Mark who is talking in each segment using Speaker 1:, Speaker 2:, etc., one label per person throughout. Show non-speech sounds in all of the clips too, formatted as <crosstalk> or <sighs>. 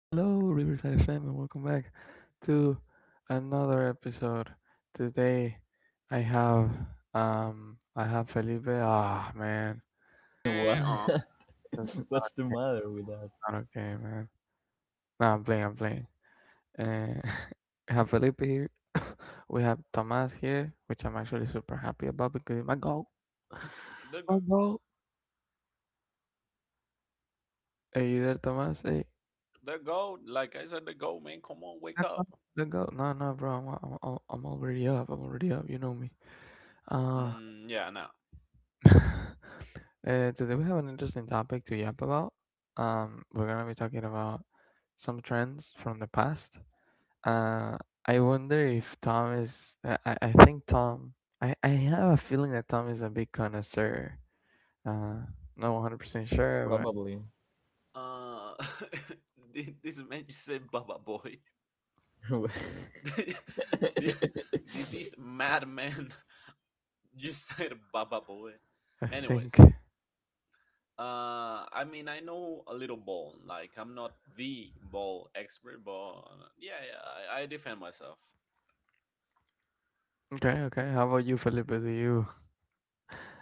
Speaker 1: Riverside FM, and welcome back to another episode. Today, I have I have Felipe. Ah, man,
Speaker 2: What?
Speaker 3: And
Speaker 1: that's
Speaker 2: <laughs> What's the matter with that?
Speaker 1: not okay, man. No, I'm playing, I'm playing. Uh, <laughs> we have Felipe here. <laughs> we have Tomas here, which I'm actually super happy about because my goal,
Speaker 3: the
Speaker 1: my
Speaker 3: g-
Speaker 1: goal. Hey, you there, Tomas? Hey,
Speaker 3: the goal, like I said, the goal, man. Come on,
Speaker 1: don't
Speaker 3: wake
Speaker 1: go.
Speaker 3: up.
Speaker 1: Don't go. No, no, bro, I'm already up. I'm already up. You know me. Uh,
Speaker 3: Mm, yeah, no.
Speaker 1: <laughs> uh, today we have an interesting topic to yap about. We're gonna be talking about some trends from the past. Uh, I wonder if Tom is. I think Tom. I have a feeling that Tom is a big connoisseur. Uh, Not 100% sure,
Speaker 2: Probably.
Speaker 3: Uh, <laughs> did this man just say Baba Boy?
Speaker 2: <laughs>
Speaker 3: <laughs> did, did this madman <laughs> just say the Baba Boy?
Speaker 1: but I think.
Speaker 3: Anyways,
Speaker 1: <laughs>
Speaker 3: I mean, I know a little ball. Like, I'm not the ball expert, but yeah, yeah, I defend myself.
Speaker 1: Okay, okay. How about you, Felipe? Do you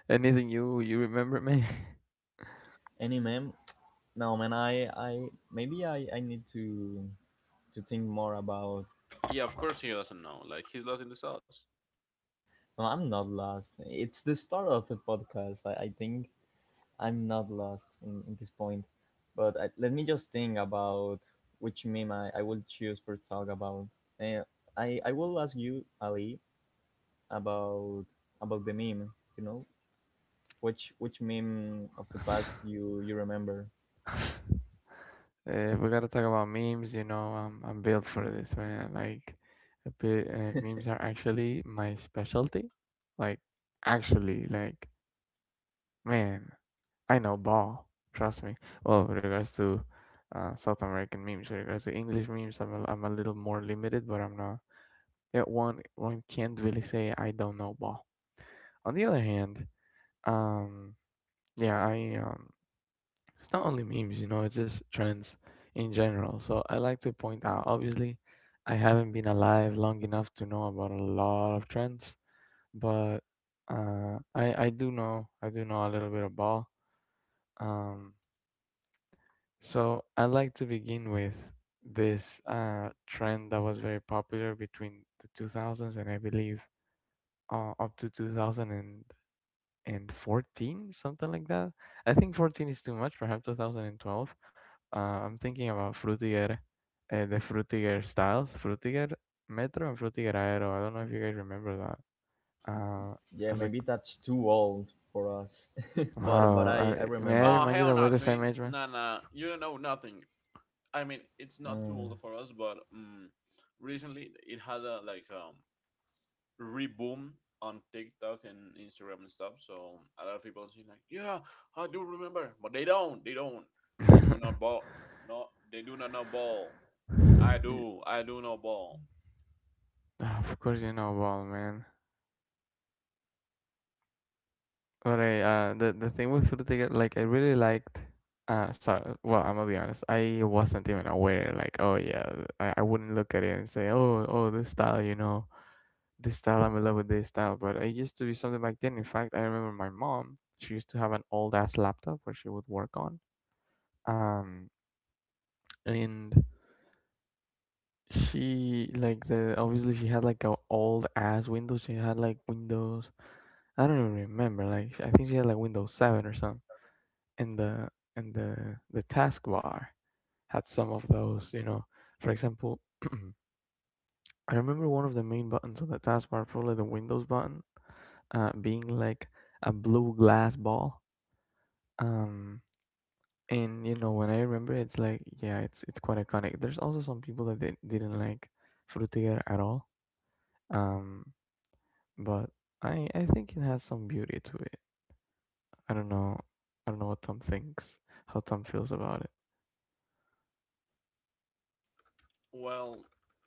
Speaker 1: Anything you remember me?
Speaker 2: Any meme? No, man. I maybe I need to think more about.
Speaker 3: Yeah, of course he doesn't know. Like, he's lost in the sauce.
Speaker 2: No, I'm not lost. It's the start of the podcast. I think I'm not lost in this point. But I, let me just think about which meme I will choose for talk about. Uh, I will ask you Ali about the meme. You know Which meme of the past you remember?
Speaker 1: <laughs> We gotta talk about memes. You know, I'm built for this, man. Like, a bit, memes are actually my specialty. Like, actually, like, man, I know ball. Trust me. Well, with regards to South American memes, with regards to English memes, I'm a little more limited, but I'm not. Yeah, one can't really say I don't know ball. On the other hand, um, yeah, I it's not only memes, it's just trends in general. So I like to point out, obviously, I haven't been alive long enough to know about a lot of trends, but I do know a little bit about. Um, so I like to begin with this trend that was very popular between the 2000s, and I believe up to 2010 and 14, something like that. I think 14 is too much, perhaps 2012. I'm thinking about Frutiger. The Frutiger styles: Frutiger Metro and Frutiger Aero. I don't know if you guys remember that. uh, I
Speaker 2: Yeah,
Speaker 1: was like,
Speaker 2: maybe that's too old for us, <laughs> but
Speaker 1: wow.
Speaker 2: I
Speaker 1: May I
Speaker 2: remember.
Speaker 3: Oh,
Speaker 1: remind you
Speaker 3: hell
Speaker 1: that we're
Speaker 3: no,
Speaker 1: the same
Speaker 3: Twin.
Speaker 1: age, man.
Speaker 3: Nah, nah, you don't know nothing. I mean, it's not too
Speaker 2: Uh,
Speaker 3: old for us, but recently it had a like reboom on TikTok and Instagram and stuff. So a lot of people saying like, yeah, I do remember, but they don't. They don't. They do not
Speaker 1: <laughs>
Speaker 3: ball. No, they do not know ball. I
Speaker 1: Y-
Speaker 3: do. I do know ball.
Speaker 1: ah, of course you know ball, man. Alright, the thing with Frutiger, like, I really liked. Sorry. Well, I'm gonna be honest. I wasn't even aware. Like, oh yeah, I wouldn't look at it and say, oh, this style, this style. I'm in love with this style. But it used to be something back then. In fact, I remember my mom. She used to have an old ass laptop where she would work on. Um, and she like the obviously she had like a old ass Windows. She had like Windows. I don't even remember. Like, I think she had like Windows Seven or something. In the in the taskbar had some of those, for example, <clears throat> I remember one of the main buttons on the taskbar, probably the Windows button, being like a blue glass ball. um and when I remember it, it's like, yeah, it's quite iconic. There's also some people that they didn't like Frutiger at all. um but I think it has some beauty to it. i don't know I don't know what Tom thinks, how Tom feels about it.
Speaker 3: Well,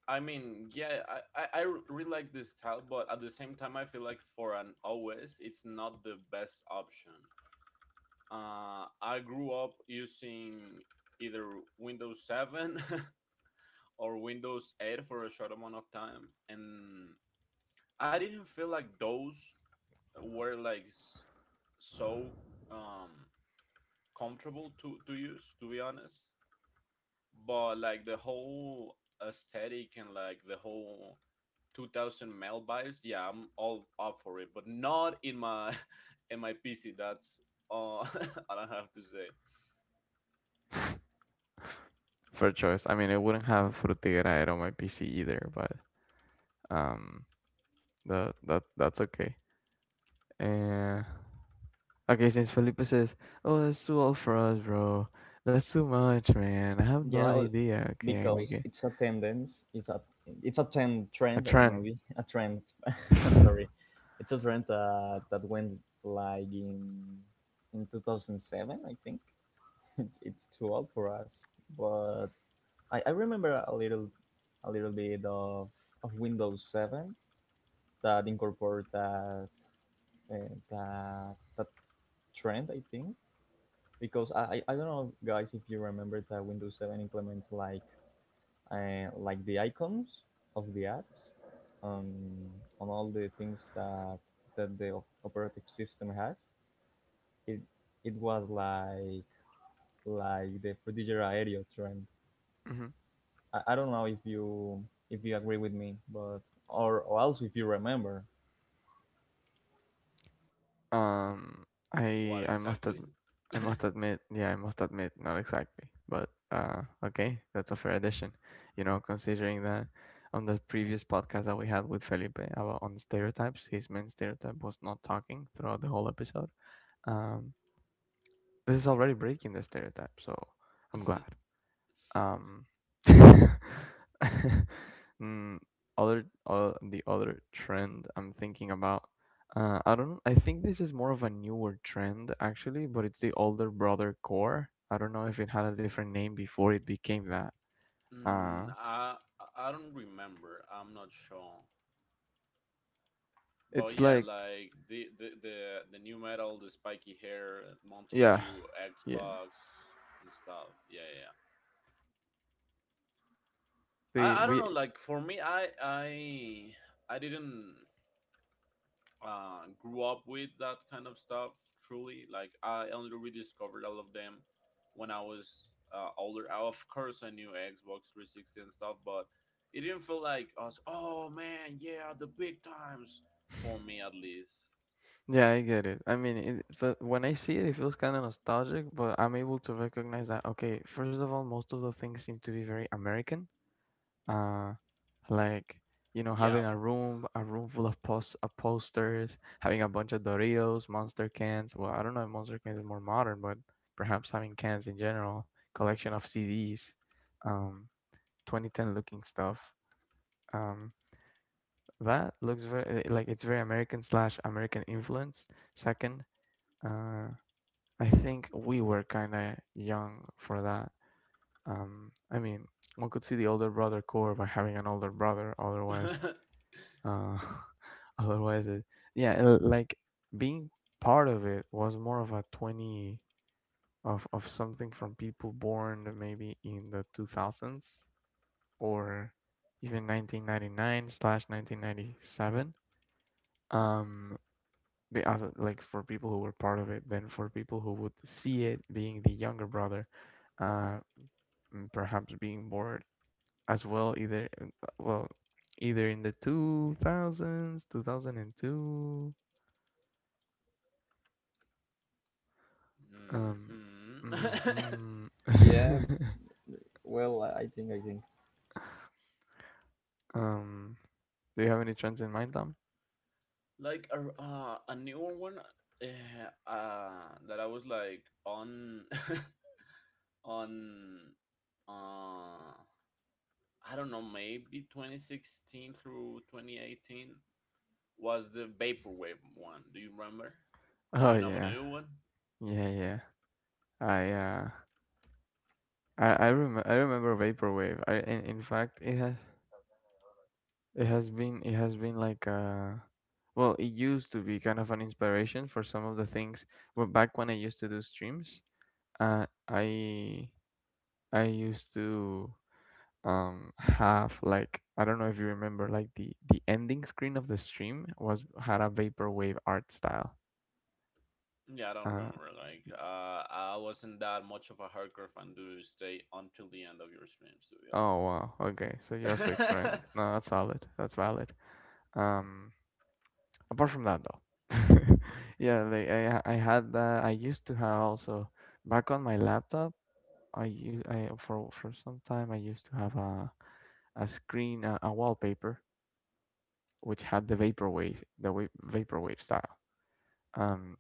Speaker 3: I mean, yeah, I really like this style, but at the same time, I feel like for an OS, it's not the best option. I grew up using either Windows 7 <laughs> or Windows 8 for a short amount of time, and I didn't feel like those were so um, comfortable to use, to be honest. But like the whole aesthetic and like the whole 2000 mail buys, yeah, I'm all up for it, but not in my <laughs> in my PC. That's all <laughs> I don't have to say.
Speaker 1: Fair choice. I mean, I wouldn't have Frutigraera on my PC either, but um, that's okay. Uh, okay, since Felipe says, "Oh, that's too old for us, bro. That's too much, man. I have no
Speaker 2: yeah, o-
Speaker 1: idea." Okay, we
Speaker 2: because
Speaker 1: get
Speaker 2: it's a tendence. It's a trend
Speaker 1: a
Speaker 2: trend
Speaker 1: trend.
Speaker 2: maybe a trend. <laughs> I'm sorry, it's a trend that went in 2007. I think <laughs> it's too old for us, but I remember a little bit of Windows 7 that incorporate that uh, that that trend. I think because I don't know, guys, if you remember that Windows Seven implements like the icons of the apps um, on all the things that the operative system has. It it was like the Fujitsu area trend.
Speaker 1: <sighs> <laughs>
Speaker 2: I don't know if you agree with me, but or also if you remember.
Speaker 1: Um,
Speaker 3: What
Speaker 1: I I must
Speaker 3: exactly?
Speaker 1: ad- I must admit, yeah, I must admit, not exactly, but okay, that's a fair addition. You know, considering that on the previous podcast that we had with Felipe about on stereotypes, his main stereotype was not talking throughout the whole episode. Um, this is already breaking the stereotype, so I'm
Speaker 3: <laughs>
Speaker 1: glad. Um, <laughs> mm, other the other trend I'm thinking about. I don't. I think this is more of a newer trend actually, but it's the older brother core. I don't know if it had a different name before it became that.
Speaker 3: Mm,
Speaker 1: Uh,
Speaker 3: I I don't remember. I'm not sure. But
Speaker 1: it's
Speaker 3: yeah,
Speaker 1: like,
Speaker 3: like the new metal, the spiky hair, Mountain
Speaker 1: yeah,
Speaker 3: Dew,
Speaker 1: yeah.
Speaker 3: Xbox and stuff. Yeah, yeah, yeah.
Speaker 1: The
Speaker 3: I don't
Speaker 1: we
Speaker 3: know. Like for me, I didn't. Grew up with that kind of stuff. Truly, like I only rediscovered all of them when I was older. Of course, I knew Xbox 360 and stuff, but it didn't feel like us. Oh man, yeah, the big times for me at least.
Speaker 1: yeah, I get it. I mean, when I see it, it feels kind of nostalgic, but I'm able to recognize that. Okay, first of all, most of the things seem to be very American, uh like,
Speaker 3: Yeah.
Speaker 1: having
Speaker 3: <laughs>
Speaker 1: a room full of posters, having a bunch of Doritos, Monster cans. Well, I don't know if Monster cans is more modern, but perhaps having cans in general, collection of CDs. um 2010 looking stuff. um that looks very, like, it's very American slash American influence. Second, uh I think we were kind of young for that. I mean, one could see the older brother core by having an older brother. Otherwise, uh, <laughs> otherwise it, yeah. Like, being part of it was more of a 20, of something from people born maybe in the 2000s, or even 1999 slash 1997. um as like for people who were part of it, then for people who would see it being the younger brother. uh Perhaps being bored as well, either well, either in the 2000s, 2002. Um,
Speaker 3: Hmm. <laughs>
Speaker 1: mhm.
Speaker 2: Yeah,
Speaker 1: <laughs>
Speaker 2: well, I think.
Speaker 1: Um, do you have any trends in mind, Tom?
Speaker 3: Like a newer one uh, uh, that I was like on <laughs> on uh I don't know, maybe 2016 through 2018 was the vaporwave one. Do you remember? Do you
Speaker 1: Oh
Speaker 3: know what the
Speaker 1: yeah,
Speaker 3: new one?
Speaker 1: yeah, yeah. I uh, I remember vaporwave. In fact, it has been like, well, it used to be kind of an inspiration for some of the things. Well, back when I used to do streams, uh, I I used to have like, I don't know if you remember, like the ending screen of the stream was had a vaporwave art style.
Speaker 3: Yeah, I don't
Speaker 1: Uh
Speaker 3: remember. Like, I wasn't that much of a hardcore fan to stay until the end of your streams,
Speaker 1: oh wow. Okay, so
Speaker 3: to
Speaker 1: you're
Speaker 3: be
Speaker 1: a fake friend.
Speaker 3: honest.
Speaker 1: No, that's solid. That's valid. Um Apart from that, though. <laughs> Yeah, like, I had that I used to have also back on my laptop. I, for some time, I used to have a a wallpaper which had the vaporwave, vaporwave style. Um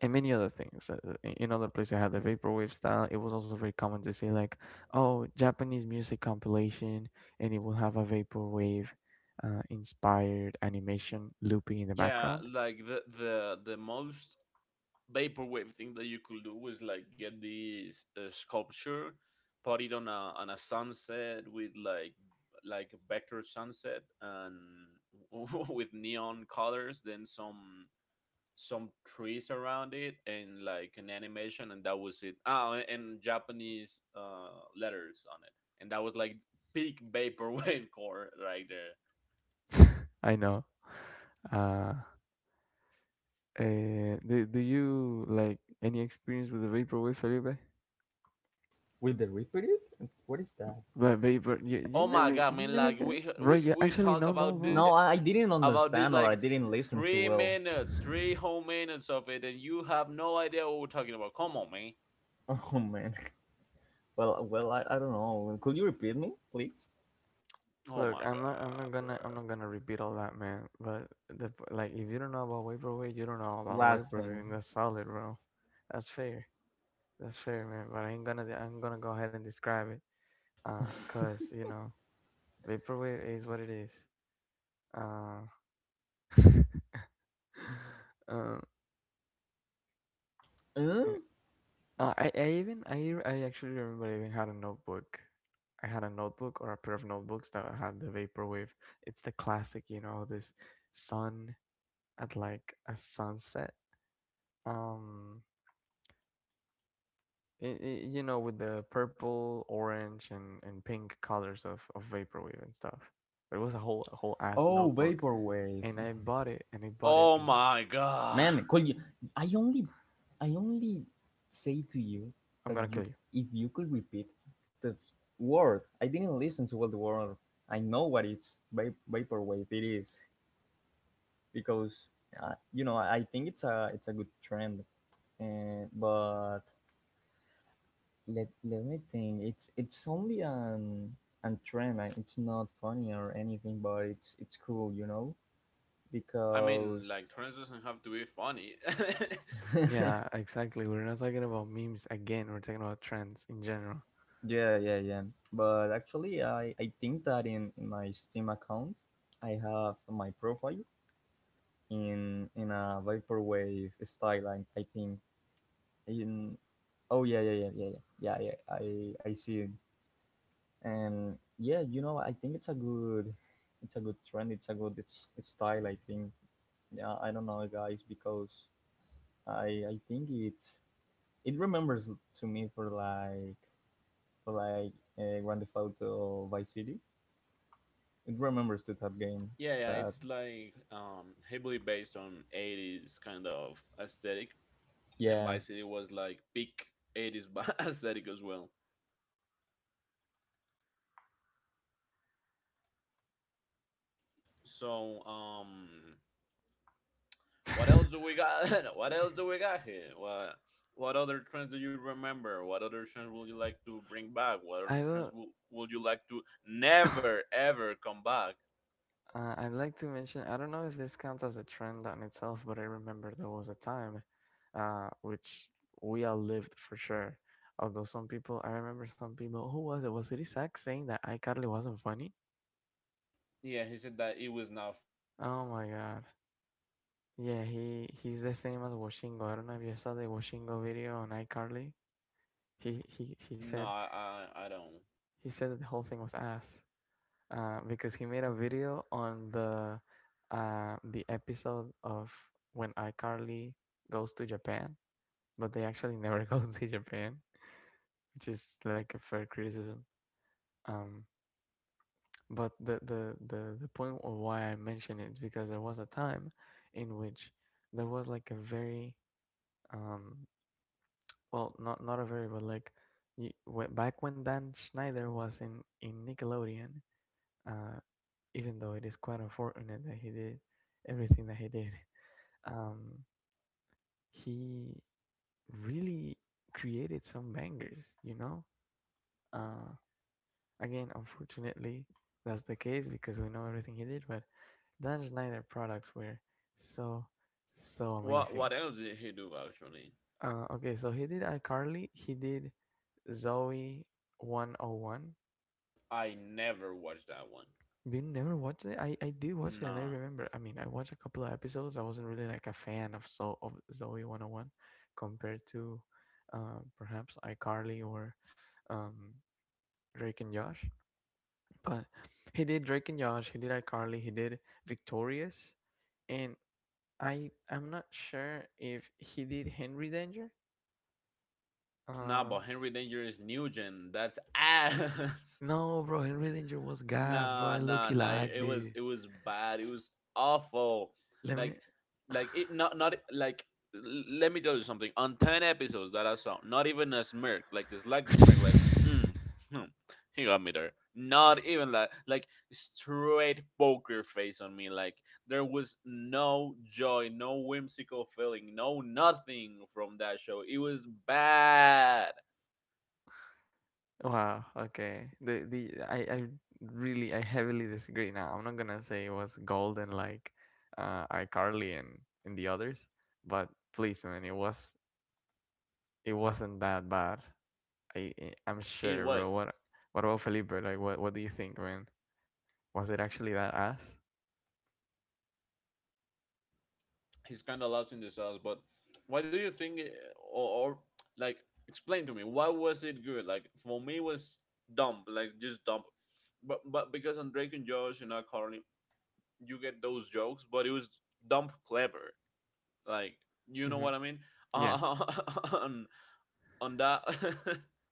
Speaker 1: and many other things. In other places, I had the vaporwave style. It was also very common to say like, "Oh, Japanese music compilation," and it will have a vaporwave inspired animation looping in
Speaker 3: <laughs>
Speaker 1: the
Speaker 3: Yeah,
Speaker 1: background.
Speaker 3: like the most vaporwave thing that you could do is like get this sculpture, put it on a sunset with like a vector sunset and <laughs> with neon colors, then some trees around it and like an animation, and that was it. Ah, Japanese letters on it, and that was like peak vaporwave <laughs> core right there.
Speaker 1: I know. Uh, do you like any experience with the vaporwave, Felipe?
Speaker 2: With the repeated? What is that?
Speaker 1: But you, you
Speaker 3: Oh my
Speaker 1: never,
Speaker 3: god,
Speaker 1: you
Speaker 3: man,
Speaker 1: never
Speaker 3: like
Speaker 1: get it,
Speaker 3: we
Speaker 1: bro.
Speaker 3: we,
Speaker 1: You
Speaker 3: we
Speaker 1: actually
Speaker 3: talk
Speaker 1: know no
Speaker 3: about
Speaker 1: know,
Speaker 2: No, I didn't
Speaker 3: about this
Speaker 2: understand or
Speaker 3: like
Speaker 2: I didn't listen too
Speaker 3: three
Speaker 2: well.
Speaker 1: bro.
Speaker 3: minutes three whole minutes of it, and you have no idea what we're talking about. Come on, man.
Speaker 2: Oh man. Well, I don't know. Could you repeat me, please?
Speaker 3: Oh
Speaker 1: Look,
Speaker 3: my god, bro.
Speaker 1: I'm not gonna repeat all that, man. But the Like, if you don't know about weight per weight, you don't know about weight
Speaker 2: Last
Speaker 1: per weight.
Speaker 2: thing.
Speaker 1: And that's solid, bro. That's fair. That's fair, man. But I ain't gonna, I'm gonna go ahead and describe it, cause, vaporwave is what it is. Uh, <sighs> <laughs> um,
Speaker 2: Huh?
Speaker 1: eh, I actually remember I even had a notebook. I had a notebook or a pair of notebooks that had the vaporwave. It's the classic, this sun at like a sunset. Um, with the purple, orange, and pink colors of vaporwave and stuff. It was a whole ass
Speaker 2: Oh,
Speaker 1: notebook,
Speaker 2: vaporwave.
Speaker 1: and I bought it, and I bought it,
Speaker 3: Oh
Speaker 1: and
Speaker 3: my god.
Speaker 2: Man, could you? I only, I only say to you
Speaker 1: I'm
Speaker 2: that
Speaker 1: gonna kill
Speaker 2: you,
Speaker 1: you.
Speaker 2: if you could repeat the word. I didn't listen to well the word. I know what it's vaporwave. It is because you know, I think it's a good trend. But let me think. It's only an trend. It's not funny or anything, but it's cool, you know,
Speaker 3: I mean,
Speaker 2: because
Speaker 3: like, trans doesn't have to be funny. <laughs>
Speaker 1: Yeah, exactly. We're not talking about memes again. We're talking about trends in general.
Speaker 2: yeah, yeah, yeah. But actually, I think that in my Steam account, I have my profile in a vaporwave style. I think in oh, yeah, yeah, yeah, yeah, yeah, yeah, yeah. I see it. And yeah, you know, I think it's a good trend, it's a good, it's style, I think. Yeah, I don't know, guys, because I think it's it remembers to me for like for like Grand Theft Auto Vice City. It remembers to that game.
Speaker 3: Yeah, yeah,
Speaker 2: That
Speaker 3: it's like heavily based on 80s kind of aesthetic, and
Speaker 2: Yeah.
Speaker 3: Vice City was like peak 80s <laughs> aesthetic as well, so What else do we got? <laughs> What else
Speaker 1: Eh,
Speaker 3: do we got here? What other trends do you remember? What other trends would you like to bring back? What other
Speaker 1: I don't.
Speaker 3: trends would you like to never
Speaker 1: <laughs> <coughs>
Speaker 3: ever come back?
Speaker 1: I'd like to mention, I don't know if this counts as a trend on itself, but I remember there was a time, which we all lived for sure. Although some people, I remember some people, who was it? Was it Isaac saying that iCarly wasn't funny?
Speaker 3: Yeah, he said that it was not funny.
Speaker 1: Oh my
Speaker 3: <laughs>
Speaker 1: God. Yeah, he's the same as Washingo. I don't know if you saw the Washingo video on iCarly. He he he
Speaker 3: No,
Speaker 1: said
Speaker 3: I don't.
Speaker 1: he said that the whole thing was ass. Because he made a video on the episode of when iCarly goes to Japan, but they actually never <laughs> go to Japan, which is like a fair criticism. Um, but the point of why I mention it is because there was a time in which there was like a very um, well, not a very, but like, you, back when Dan Schneider was in Nickelodeon, uh, even though it is quite unfortunate that he did everything that he did, <laughs> um, he really created some bangers, you know? Uh, Again, unfortunately, that's the case because we know everything he did, but Dan Schneider products were so, so
Speaker 3: What
Speaker 1: amazing.
Speaker 3: else did he do actually?
Speaker 1: Okay, so he did iCarly, he did Zoe 101.
Speaker 3: I never watched that one.
Speaker 1: You never watched it? I did watch it and I
Speaker 3: Nah.
Speaker 1: remember. I mean, I watched a couple of episodes. I wasn't really like a fan of of Zoe 101 compared to perhaps iCarly or um, Drake and Josh. But he did Drake and Josh, he did iCarly, he did Victorious, and I'm not sure if he did Henry Danger.
Speaker 3: Nah,
Speaker 1: Uh,
Speaker 3: but Henry Danger is Nugent. That's ass. <laughs>
Speaker 1: no, bro, Henry Danger was gas, bro. I
Speaker 3: Nah, nah,
Speaker 1: low-key
Speaker 3: nah. It,
Speaker 1: liked
Speaker 3: it was
Speaker 1: it.
Speaker 3: it was bad. It was awful.
Speaker 1: Let me
Speaker 3: Like like, it not, not, like, let me tell you something. On 10 episodes that I saw, not even a smirk. Like it's like the smirk, like mm,
Speaker 1: <laughs>
Speaker 3: hmm, he got me there. Not even that. Like, straight poker face on me. Like there was no joy, no whimsical feeling, no nothing from that show. It was bad.
Speaker 1: Wow, okay. The I really I heavily disagree now. I'm not gonna say it was golden like iCarly and the others, but please man, it wasn't that bad. I'm sure,
Speaker 3: It
Speaker 1: bro.
Speaker 3: was.
Speaker 1: What about Felipe? Like what do you think, man? Was it actually that ass?
Speaker 3: He's kind of lost in the sauce. But why do you think, or like, explain to me why was it good? Like for me, it was dumb, like just dumb. But because on Drake and Josh and not Carly, you get those jokes, but it was dumb clever. Like, you know
Speaker 1: Mhm.
Speaker 3: what I mean?
Speaker 1: Yeah.
Speaker 3: Uh, <laughs> on on that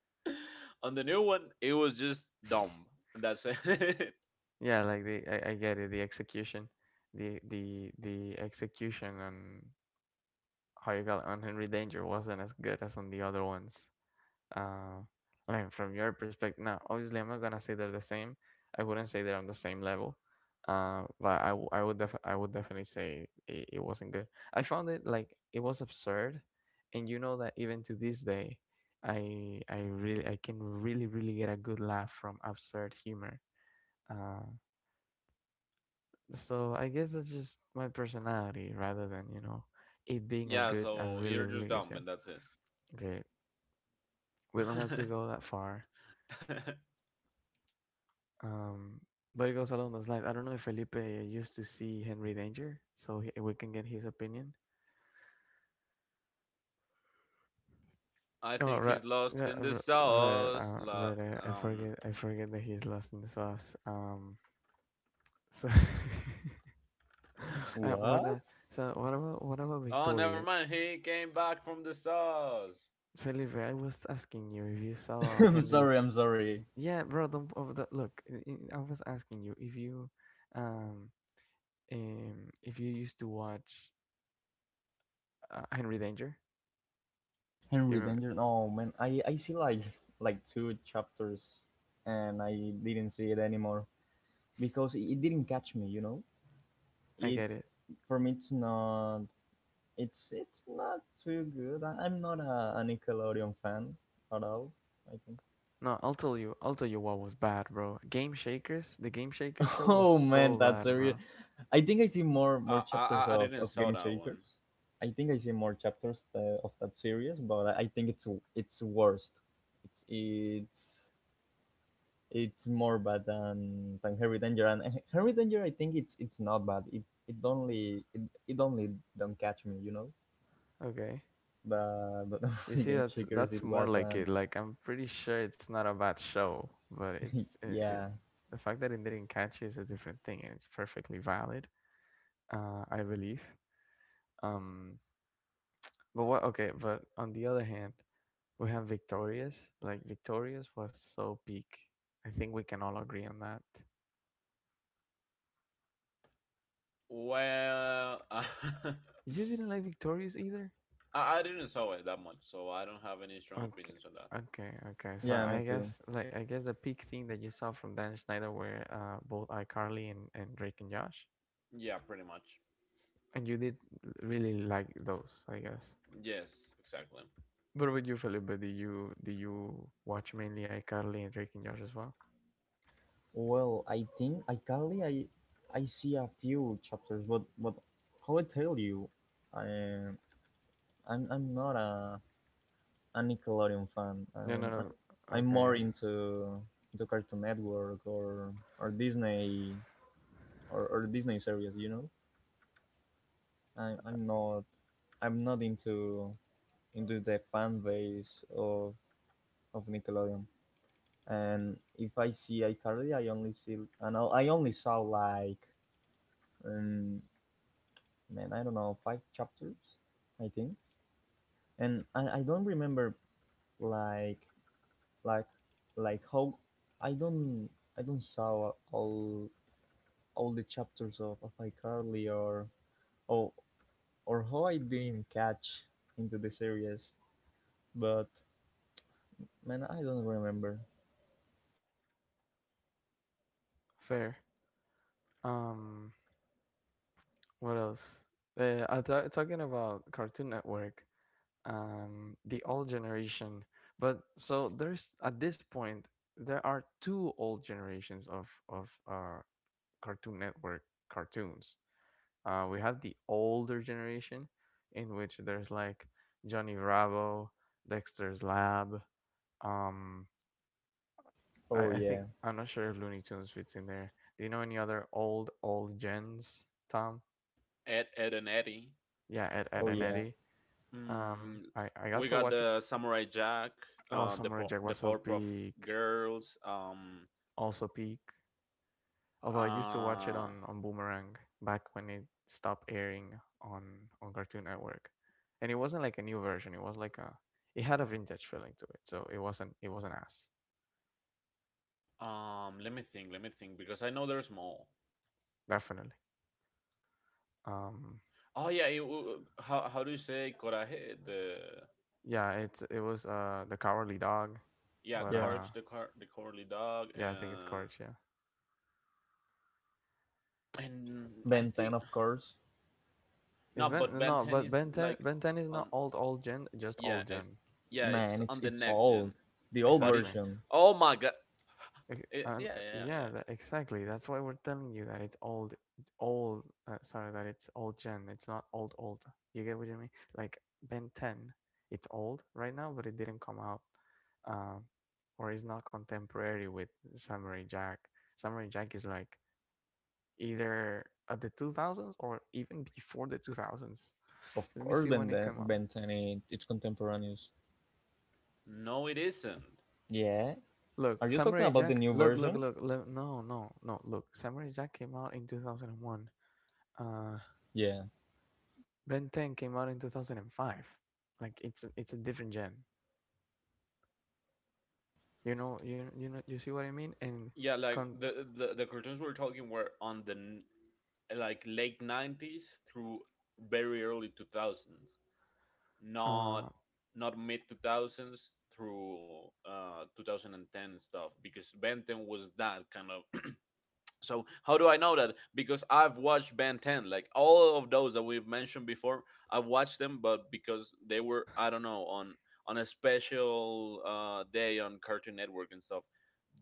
Speaker 3: <laughs> on the new one, it was just dumb,
Speaker 1: <laughs>
Speaker 3: and that's it.
Speaker 1: Yeah, like I get it, the execution. The execution on how you call it, on Henry Danger wasn't as good as on the other ones. Uh, I mean, from your perspective, now obviously I'm not gonna say they're the same. I wouldn't say they're on the same level. But I, w- I would def- I would definitely say it wasn't good. I found it like it was absurd, and you know that even to this day, I can really get a good laugh from absurd humor. Uh, so I guess that's just my personality rather than it
Speaker 3: <laughs>
Speaker 1: being a
Speaker 3: Yeah,
Speaker 1: good a
Speaker 3: so
Speaker 1: really
Speaker 3: you're
Speaker 1: really
Speaker 3: just
Speaker 1: good
Speaker 3: dumb,
Speaker 1: show.
Speaker 3: and that's
Speaker 1: Okay, we don't have to
Speaker 3: it.
Speaker 1: go that far.
Speaker 3: <laughs>
Speaker 1: Um, but it goes along those lines. I don't know if Felipe used to see Henry Danger, so he, we can get his opinion.
Speaker 3: I
Speaker 1: Oh
Speaker 3: think
Speaker 1: right,
Speaker 3: he's lost
Speaker 1: yeah,
Speaker 3: in the
Speaker 1: right,
Speaker 3: sauce.
Speaker 1: right.
Speaker 3: Um.
Speaker 1: I forget that he's lost in the sauce. So <laughs> what? Uh,
Speaker 2: What?
Speaker 1: so what about
Speaker 3: Oh,
Speaker 1: Victoria?
Speaker 3: never mind. He came back from the sauce.
Speaker 1: Felipe, I was asking you if you saw
Speaker 2: <laughs>
Speaker 1: Henry.
Speaker 2: I'm sorry.
Speaker 1: Yeah, bro, don't oh, look. I was asking you if you, um, um, if you used to watch Henry Danger. You
Speaker 2: Henry
Speaker 1: remember?
Speaker 2: Danger, oh man, I see like two chapters, and I didn't see it anymore because it didn't catch me, you know.
Speaker 1: I
Speaker 2: It
Speaker 1: get it.
Speaker 2: For me, it's not, it's not too good. I'm not a, a Nickelodeon fan at all, I think.
Speaker 1: No, I'll tell you. I'll tell you what was bad, bro. Game Shakers, the Game Shaker show
Speaker 2: <laughs>
Speaker 1: was
Speaker 2: Oh
Speaker 1: so
Speaker 2: man,
Speaker 1: bad,
Speaker 2: that's a real.
Speaker 1: bro.
Speaker 2: I see more
Speaker 3: I I
Speaker 2: chapters
Speaker 3: I- didn't
Speaker 2: of
Speaker 3: saw
Speaker 2: Game
Speaker 3: that one.
Speaker 2: Shakers. I think I see more chapters Of that series. But I think it's worst. it's it's it's more bad than Harry Danger. And Harry Danger, I think it's not bad, it only it only don't catch me, you know.
Speaker 1: Okay.
Speaker 2: But
Speaker 1: You
Speaker 2: <laughs>
Speaker 1: see,
Speaker 2: Game
Speaker 1: that's
Speaker 2: Shakers,
Speaker 1: that's
Speaker 2: it
Speaker 1: more
Speaker 2: was
Speaker 1: like it.
Speaker 2: an.
Speaker 1: Like I'm pretty sure it's not a bad show, but
Speaker 2: Yeah,
Speaker 1: the fact that it didn't catch you is a different thing, and it's perfectly valid. I believe. Um, but what? Okay, but on the other hand, we have Victorious. Like Victorious was so peak. I think we can all agree on that.
Speaker 3: Well, <laughs> I
Speaker 1: You didn't like Victorious either.
Speaker 3: I didn't saw it that much, so I don't have any strong
Speaker 1: Okay,
Speaker 3: opinions on that.
Speaker 1: okay. So
Speaker 2: yeah, me too.
Speaker 1: I guess the peak thing that you saw from Dan Schneider were both iCarly and Drake and Josh,
Speaker 3: Yeah, pretty much.
Speaker 1: and you did really like those, I guess.
Speaker 3: Yes, exactly.
Speaker 1: But about you, Felipe? Do you watch mainly iCarly and Drake and Josh as well?
Speaker 2: Well, I think I currently I see a few chapters, but how I tell you, I I'm not a, a Nickelodeon fan.
Speaker 1: No, no.
Speaker 2: I'm
Speaker 1: not Okay,
Speaker 2: more into Cartoon Network or Disney or Disney series. You know, I'm not into the fan base of Nickelodeon. And if I see iCarly, I only see, and I only saw like um, man, I don't know, five chapters, I think. And I don't remember like like how I don't, I don't saw all the chapters of iCarly or or or how I didn't catch into the series, but man, I don't remember.
Speaker 1: fair. Um, what else? Talking about Cartoon Network. The old generation. But so there's at this point there are two old generations of Cartoon Network cartoons. We have the older generation in which there's like Johnny Bravo, Dexter's Lab. Um,
Speaker 2: Oh
Speaker 1: I
Speaker 2: yeah,
Speaker 1: think I'm not sure if Looney Tunes fits in there. Do you know any other old gens, Tom?
Speaker 3: Ed, Ed, and Eddie.
Speaker 1: Yeah, Ed,
Speaker 2: oh,
Speaker 1: Ed and
Speaker 2: yeah,
Speaker 1: Eddie.
Speaker 3: Mm,
Speaker 1: I
Speaker 3: we
Speaker 1: got to
Speaker 3: got
Speaker 1: watch a,
Speaker 3: the Samurai Jack,
Speaker 1: Oh
Speaker 3: the
Speaker 1: Samurai
Speaker 3: Po-
Speaker 1: Jack
Speaker 3: the
Speaker 1: was so
Speaker 3: Powerpuff
Speaker 1: big.
Speaker 3: Girls.
Speaker 1: Also peak. Although I used to watch it
Speaker 3: Uh,
Speaker 1: on Boomerang back when it stopped airing on Cartoon Network, and it wasn't like a new version. It was like a it had a vintage feeling to it, so it wasn't ass
Speaker 3: Let me think. Let me think, because I know there's more.
Speaker 1: definitely. Um,
Speaker 3: Oh yeah, how do you say coraje? The
Speaker 1: yeah, it was the Cowardly Dog,
Speaker 3: Yeah,
Speaker 1: but
Speaker 2: yeah.
Speaker 3: courage. The cowardly dog,
Speaker 1: yeah, I think it's
Speaker 3: and
Speaker 1: Courage. Yeah,
Speaker 3: and I
Speaker 2: Ben 10,
Speaker 3: think.
Speaker 2: of course.
Speaker 3: No,
Speaker 1: it's
Speaker 3: but
Speaker 1: Ben
Speaker 3: Ben
Speaker 1: no,
Speaker 3: Ten
Speaker 1: but
Speaker 3: is
Speaker 1: Ben Ten
Speaker 3: like
Speaker 1: Ben Ten is not
Speaker 3: on.
Speaker 1: old gen, just
Speaker 3: Yeah,
Speaker 1: old
Speaker 3: it's,
Speaker 1: gen
Speaker 3: yeah, it's
Speaker 2: Man,
Speaker 3: on
Speaker 2: it's
Speaker 3: the next gen,
Speaker 2: old, the old
Speaker 3: but
Speaker 1: exactly.
Speaker 3: it's.
Speaker 2: version.
Speaker 3: Oh my god.
Speaker 1: Okay, and
Speaker 3: Yeah, yeah, yeah.
Speaker 1: yeah, exactly. That's why we're telling you that it's old, old. Sorry, that it's old gen. It's not old, old. You get what I mean? Like Ben 10, it's old right now, but it didn't come out, um, or is not contemporary with Samurai Jack. Samurai Jack is like either at the 2000s or even before the 2000s.
Speaker 2: Of
Speaker 1: Let me
Speaker 2: course,
Speaker 1: see
Speaker 2: Ben
Speaker 1: when it
Speaker 2: 10,
Speaker 1: came out.
Speaker 2: Ben 10, it's contemporaneous.
Speaker 3: No, it isn't.
Speaker 2: Yeah. Are
Speaker 1: Look,
Speaker 2: you talking
Speaker 1: Samurai
Speaker 2: about the
Speaker 1: Jack.
Speaker 2: new
Speaker 1: Look, look,
Speaker 2: version?
Speaker 1: look. look no, no, no. Look, Samurai Jack came out in 2001. Uh,
Speaker 2: Yeah,
Speaker 1: Ben 10 came out in 2005. Like it's a different gen. You know, you see what I mean? And
Speaker 3: Yeah, like
Speaker 1: con
Speaker 3: the cartoons we're talking were on the like late 90s through very early 2000s. Not,
Speaker 1: uh,
Speaker 3: not mid 2000s through 2010 and stuff, because Ben 10 was that kind of. <clears throat> So how do I know that? Because I've watched Ben 10, like all of those that we've mentioned before. I've watched them, but because they were, I don't know, on a special day on Cartoon Network and stuff.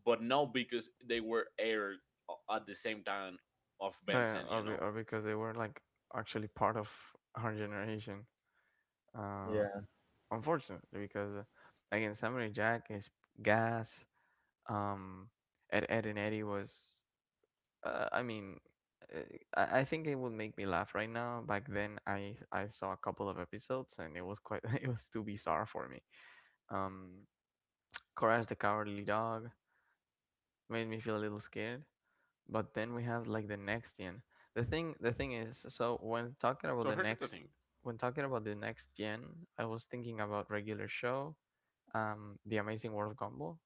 Speaker 3: But no, because they were aired at the same time of Ben 10,
Speaker 1: but-
Speaker 3: you know.
Speaker 1: be- or because they were like actually part of our generation. Uh,
Speaker 2: yeah,
Speaker 1: Unfortunately, because again, Samurai Jack is gas. Um, Ed, Ed and Eddie was. Uh, I mean, uh, I think it would make me laugh right now. Back then, I saw a couple of episodes and it was quite <laughs> it was too bizarre for me. Um, Courage the Cowardly Dog made me feel a little scared. But then we have like the next Nexian. The thing is,
Speaker 3: So here's the thing.
Speaker 1: when talking about the next gen, I was thinking about regular show, The Amazing World of Gumball,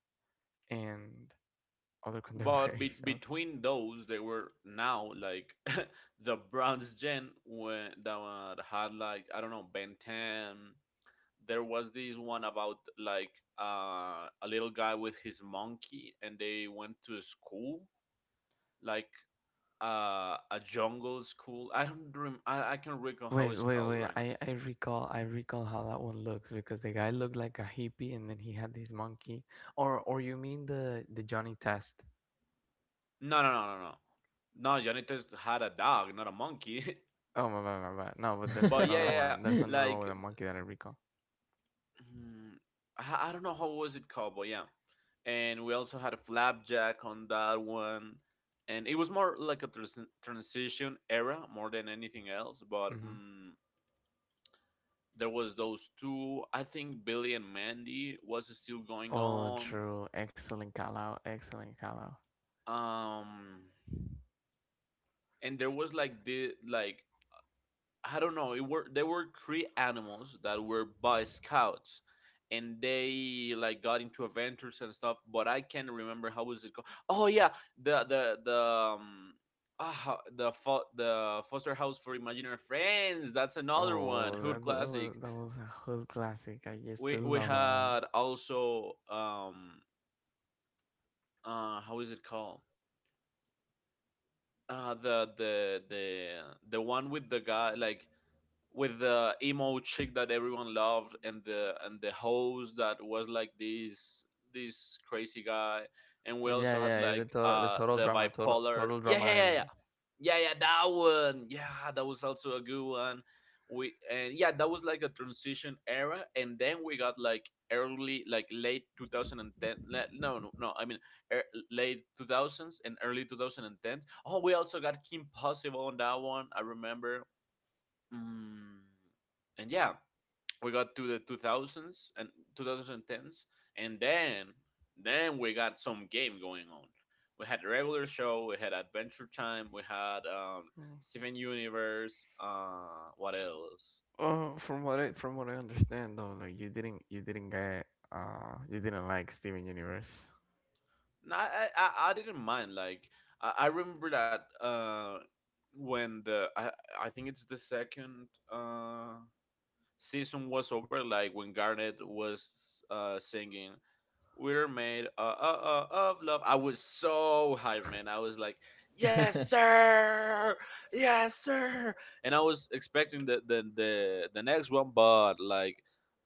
Speaker 1: and other
Speaker 3: But
Speaker 1: contemporary <laughs> shows.
Speaker 3: between those, they were now like <laughs> the bronze gen when that had, like, I don't know, Ben 10. There was this one about, like, a little guy with his monkey, and they went to a school, like, a jungle school. I don't rem- I can not recall how
Speaker 1: Wait,
Speaker 3: it's
Speaker 1: wait,
Speaker 3: called
Speaker 1: wait.
Speaker 3: right now.
Speaker 1: I, I recall how that one looks because the guy looked like a hippie and then he had this monkey. Or you mean the Johnny Test?
Speaker 3: No, no, no, no, no. No, Janitas had a dog, not a monkey.
Speaker 1: Oh my bad, my bad. No, but
Speaker 3: <laughs>
Speaker 1: there's
Speaker 3: But yeah,
Speaker 1: another
Speaker 3: yeah, yeah.
Speaker 2: <laughs>
Speaker 1: one. There's another
Speaker 3: Like
Speaker 1: one with a monkey that I recall.
Speaker 3: Hmm, I don't know how was it called, but yeah. And we also had a Flapjack on that one, and it was more like a transition era more than anything else. But
Speaker 1: Hmm.
Speaker 3: there was those two. I think Billy and Mandy was still going
Speaker 1: Oh,
Speaker 3: on.
Speaker 1: true. Excellent call out. Excellent call out.
Speaker 3: Um, and there was like the I don't know. It were they were three animals that were Boy Scouts, and they like got into adventures and stuff. But I can't remember how was it called. Oh yeah, the ah, the foster house for imaginary friends. That's another one.
Speaker 1: Oh,
Speaker 3: Hood
Speaker 1: that,
Speaker 3: classic.
Speaker 1: that was a whole classic. I used
Speaker 3: We
Speaker 1: to
Speaker 3: we
Speaker 1: love that one.
Speaker 3: had also how is it called? Uh the the the the one with the guy, like, with the emo chick that everyone loved, and the host that was like this crazy guy, and we
Speaker 1: Yeah,
Speaker 3: also had,
Speaker 1: yeah,
Speaker 3: like,
Speaker 1: the total
Speaker 3: the
Speaker 1: drama,
Speaker 3: bipolar.
Speaker 1: total
Speaker 3: Yeah,
Speaker 1: drama
Speaker 3: yeah, yeah, yeah.
Speaker 1: island.
Speaker 3: Yeah, yeah, that one. Yeah, that was also a good one. We and Yeah, that was like a transition era, and then we got, like, early, like, late 2010, no, no, no, I mean, er, late 2000s and early 2010s. Oh, we also got Kim Possible on that one, I remember. Mm, and yeah, we got to the 2000s and 2010s, and then we got some game going on. We had a Regular Show, we had Adventure Time, we had
Speaker 1: Mm.
Speaker 3: Steven Universe. What else?
Speaker 1: Oh, from what I understand though, like you didn't get you didn't like Steven Universe.
Speaker 3: No, I didn't mind. Like, I remember that when the I think it's the second uh season was over, like when Garnet was singing "We're Made of Love," I was so hyped, man. I was like, "Yes, sir! Yes, sir!" And I was expecting the next one, but like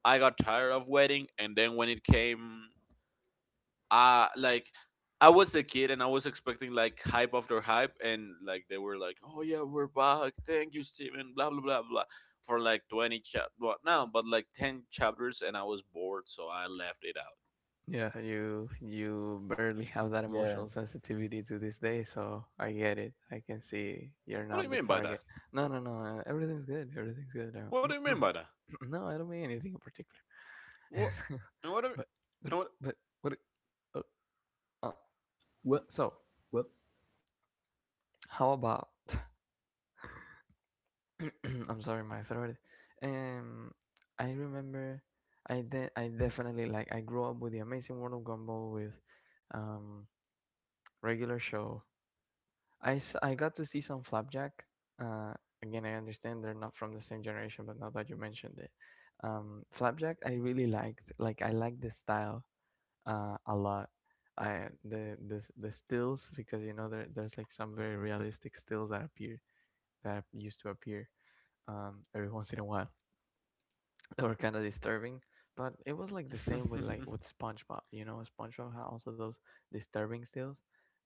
Speaker 3: I got tired of waiting, and then when it came like I was a kid and I was expecting like hype after hype and like they were like, "Oh yeah, we're back, thank you, Steven, blah blah blah blah," for like 20 chap what now, but like 10 chapters, and I was bored so I left it out.
Speaker 1: Yeah, you barely have that
Speaker 2: yeah.
Speaker 1: emotional sensitivity to this day, so I get it. I can see you're
Speaker 3: What do
Speaker 1: not
Speaker 3: you
Speaker 1: the
Speaker 3: mean by that?
Speaker 1: target. No, no, no. Everything's good. Everything's good.
Speaker 3: What do you mean by that?
Speaker 1: <clears throat> No, I don't mean anything in particular.
Speaker 3: What, and what do
Speaker 1: <laughs>
Speaker 3: you,
Speaker 1: but but
Speaker 3: and what?
Speaker 1: but what? Uh, uh,
Speaker 2: What?
Speaker 1: so
Speaker 2: What?
Speaker 1: how about? <clears throat> I'm sorry, my throat. Um, I remember, I definitely I grew up with the Amazing World of Gumball with, um, regular show I got to see some Flapjack. Uh, Again, I understand they're not from the same generation, but now that you mentioned it, Flapjack I really liked. Like I liked the style a lot. I the s- The stills because you know there's like some very realistic stills that appear that used to appear every once in a while, or kind of disturbing. But it was like the same with
Speaker 3: <laughs>
Speaker 1: SpongeBob, you know, SpongeBob had also those disturbing stills,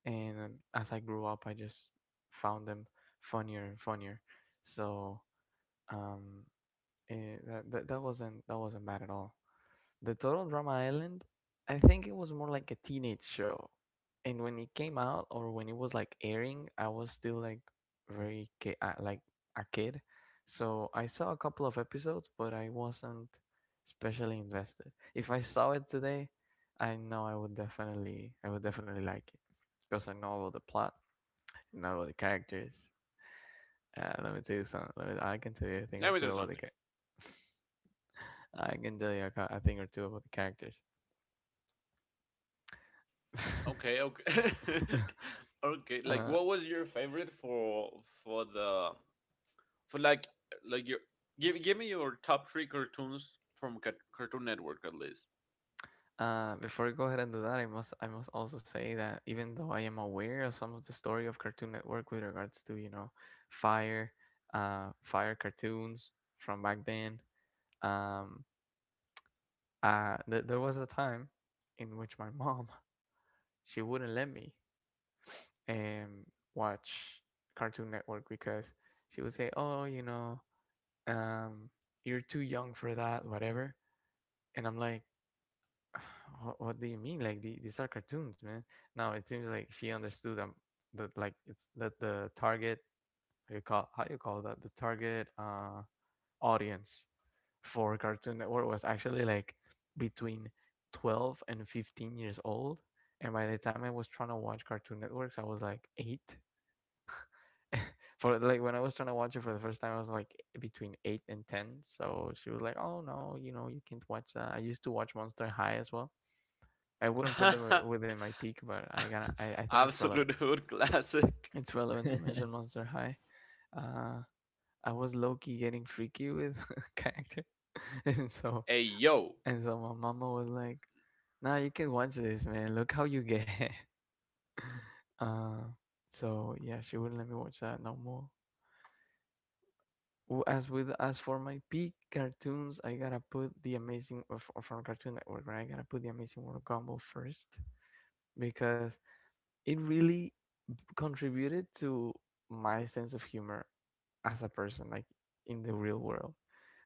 Speaker 1: and as I grew up, I just found them funnier and funnier. So um, that that wasn't bad at all. The Total Drama Island, I think it was more like a teenage show. And when it came out or when it was like airing, I was still like very a kid. So I saw a couple of episodes, but I wasn't especially invested. If I saw it today, I know I would definitely like it because I know about the plot, I know about the characters. Let me tell you something. I can tell you a thing or
Speaker 3: Let me do
Speaker 1: two about the
Speaker 3: something.
Speaker 1: characters. <laughs> I can tell you a thing or two about the characters. <laughs>
Speaker 3: Okay, okay.
Speaker 1: <laughs>
Speaker 3: <laughs> Okay, like
Speaker 1: Uh,
Speaker 3: what was your favorite for the for like your give me your top three cartoons from Cartoon Network at least.
Speaker 1: Before we go ahead and do that, I must also say that even though I am aware of some of the story of Cartoon Network with regards to you know fire, fire cartoons from back then, um, there was a time in which my mom <laughs> she wouldn't let me um watch Cartoon Network because she would say, "Oh, you know, um, you're too young for that, whatever," and I'm like, what do you mean? Like these are cartoons, man. No, it seems like she understood that like it's that the target you call how you call that, the target audience for Cartoon Network was actually like between 12 and 15 years old. And by the time I was trying to watch Cartoon Networks, I was like 8. <laughs> For like when I was trying to watch it for the first time, I was like between 8 and 10. So she was like, "Oh no, you know you can't watch that." I used to watch Monster High as well. I wouldn't put them
Speaker 3: <laughs>
Speaker 1: within my peak, but I gotta. I think it's relevant.
Speaker 3: Absolute hood classic.
Speaker 1: It's relevant to mention Monster High. Uh, I was low key getting freaky with <laughs> character, <laughs> and so
Speaker 3: Hey yo,
Speaker 1: my mama was like, "Nah, you can watch this, man. Look how you get." <laughs> uh, so yeah, she wouldn't let me watch that no more. Well, as for my peak cartoons, I gotta put the amazing or from Cartoon Network, right? I gotta put the Amazing World of Gumball first because it really contributed to my sense of humor as a person, like in the real world.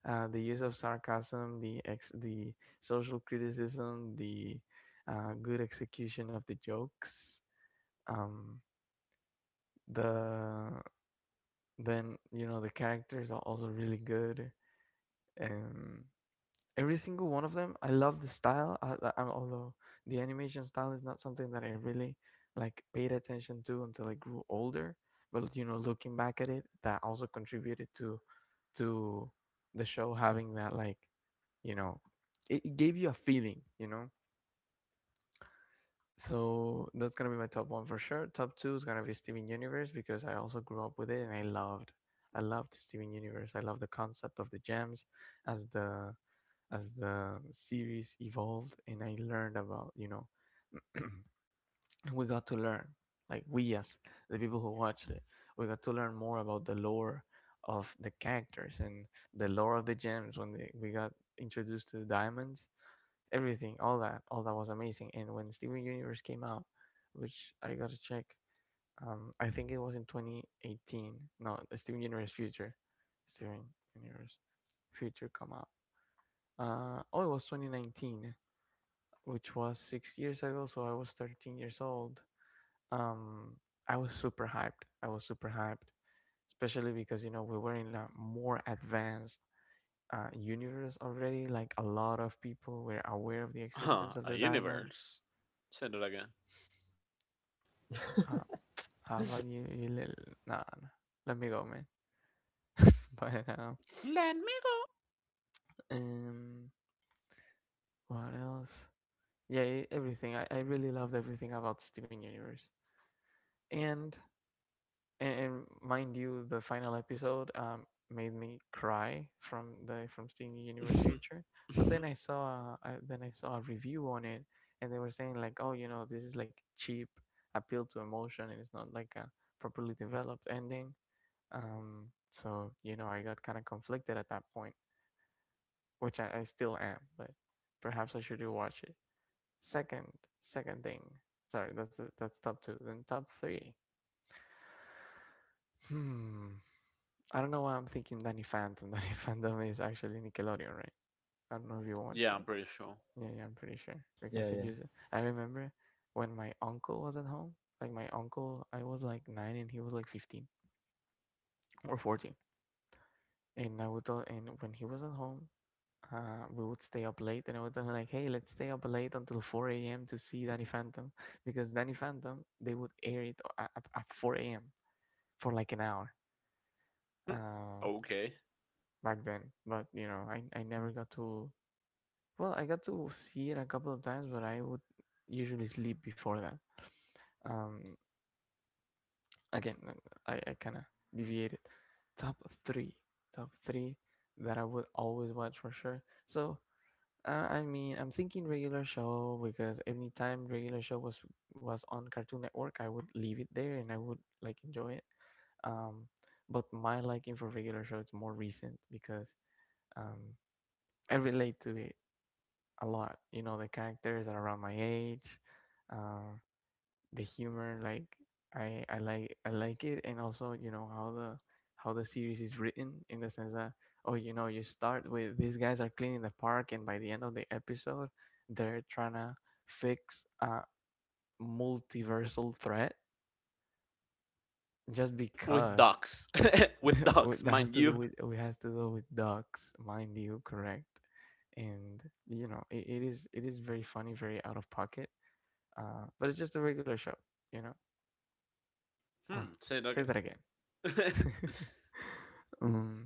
Speaker 1: The use of sarcasm, the social criticism, the good execution of the jokes. Um, the then you know the characters are also really good. Um, every single one of them. I love the style, although the animation style is not something that I really like paid attention to until I grew older. But you know, looking back at it, that also contributed to the show having that, like, you know, it gave you a feeling, So that's gonna be my top one for sure. Top two is gonna be Steven Universe because I also grew up with it and I loved Steven Universe. I love the concept of the gems, as the as the series evolved and I learned about, you know, we got to learn, like we as the people who watched it, we got to learn more about the lore of the characters and the lore of the gems when we got introduced to the diamonds, everything, all that was amazing. And when Steven Universe came out, which I gotta check, I think it was in 2018. No, the Steven Universe Future, Steven Universe Future come out. Oh, it was 2019, which was 6 years ago. So I was 13 years old. Um, I was super hyped. I was super hyped, especially because you know we were in a more advanced universe already. Like a lot of people were aware of the
Speaker 3: <laughs>
Speaker 1: existence of
Speaker 3: a
Speaker 1: the diamonds.
Speaker 3: universe. Send it again.
Speaker 1: Uh, how about you? You little... Nah, nah, let me go, man. <laughs> But
Speaker 3: Let me go.
Speaker 1: um, what else? Yeah, everything. I really loved everything about Steven Universe. And and mind you, the final episode made me cry from seeing Universe Future. But then I
Speaker 3: <laughs>
Speaker 1: saw I, then I saw a review on it, and they were saying like, oh, you know, this is like cheap appeal to emotion, and it's not like a properly developed ending. So you know, I got kind of conflicted at that point, which I still am, but perhaps I should rewatch it. Second, second thing. Sorry, that's top two. Then top three. Hmm. I don't know why I'm thinking Danny Phantom. <laughs> Danny Phantom is actually Nickelodeon, right? I don't know if you watched
Speaker 3: Yeah,
Speaker 1: it.
Speaker 3: I'm pretty sure.
Speaker 1: Yeah, yeah, I'm pretty sure because
Speaker 2: Yeah,
Speaker 1: I
Speaker 2: yeah,
Speaker 1: use it. I remember when my uncle was at home. Like my uncle, I was like nine and he was like 15 or 14. And I would, al- and when he was at home, we would stay up late, and I would tell him like, "Hey, let's stay up late until four a.m. to see Danny Phantom," because Danny Phantom they would air it at four a.m. for like an hour uh,
Speaker 3: Okay.
Speaker 1: back then. But you know, I never got to... Well, I got to see it a couple of times, but I would usually sleep before that. Um, again, I kind of deviated. Top three, top three that I would always watch for sure. So I mean, I'm thinking regular show because every time regular show was on Cartoon Network, I would leave it there and I would like enjoy it. Um, but my liking for regular show is more recent because um, I relate to it a lot. You know, the characters are around my age, uh, the humor, like I like it, and also you know how the series is written in the sense that, oh, you know, you start with these guys are cleaning the park, and by the end of the episode, they're trying to fix a multiversal threat just
Speaker 3: With
Speaker 1: because
Speaker 3: ducks. <laughs> With
Speaker 1: <laughs>
Speaker 3: ducks,
Speaker 1: that has
Speaker 3: mind
Speaker 1: to do
Speaker 3: you.
Speaker 1: with... it has to do with ducks, mind you, correct? And you know it is... it is very funny, very out of pocket. But it's just a regular show, you know? Huh.
Speaker 3: Hmm. Say it
Speaker 1: Say
Speaker 3: again.
Speaker 1: that again. <laughs> um,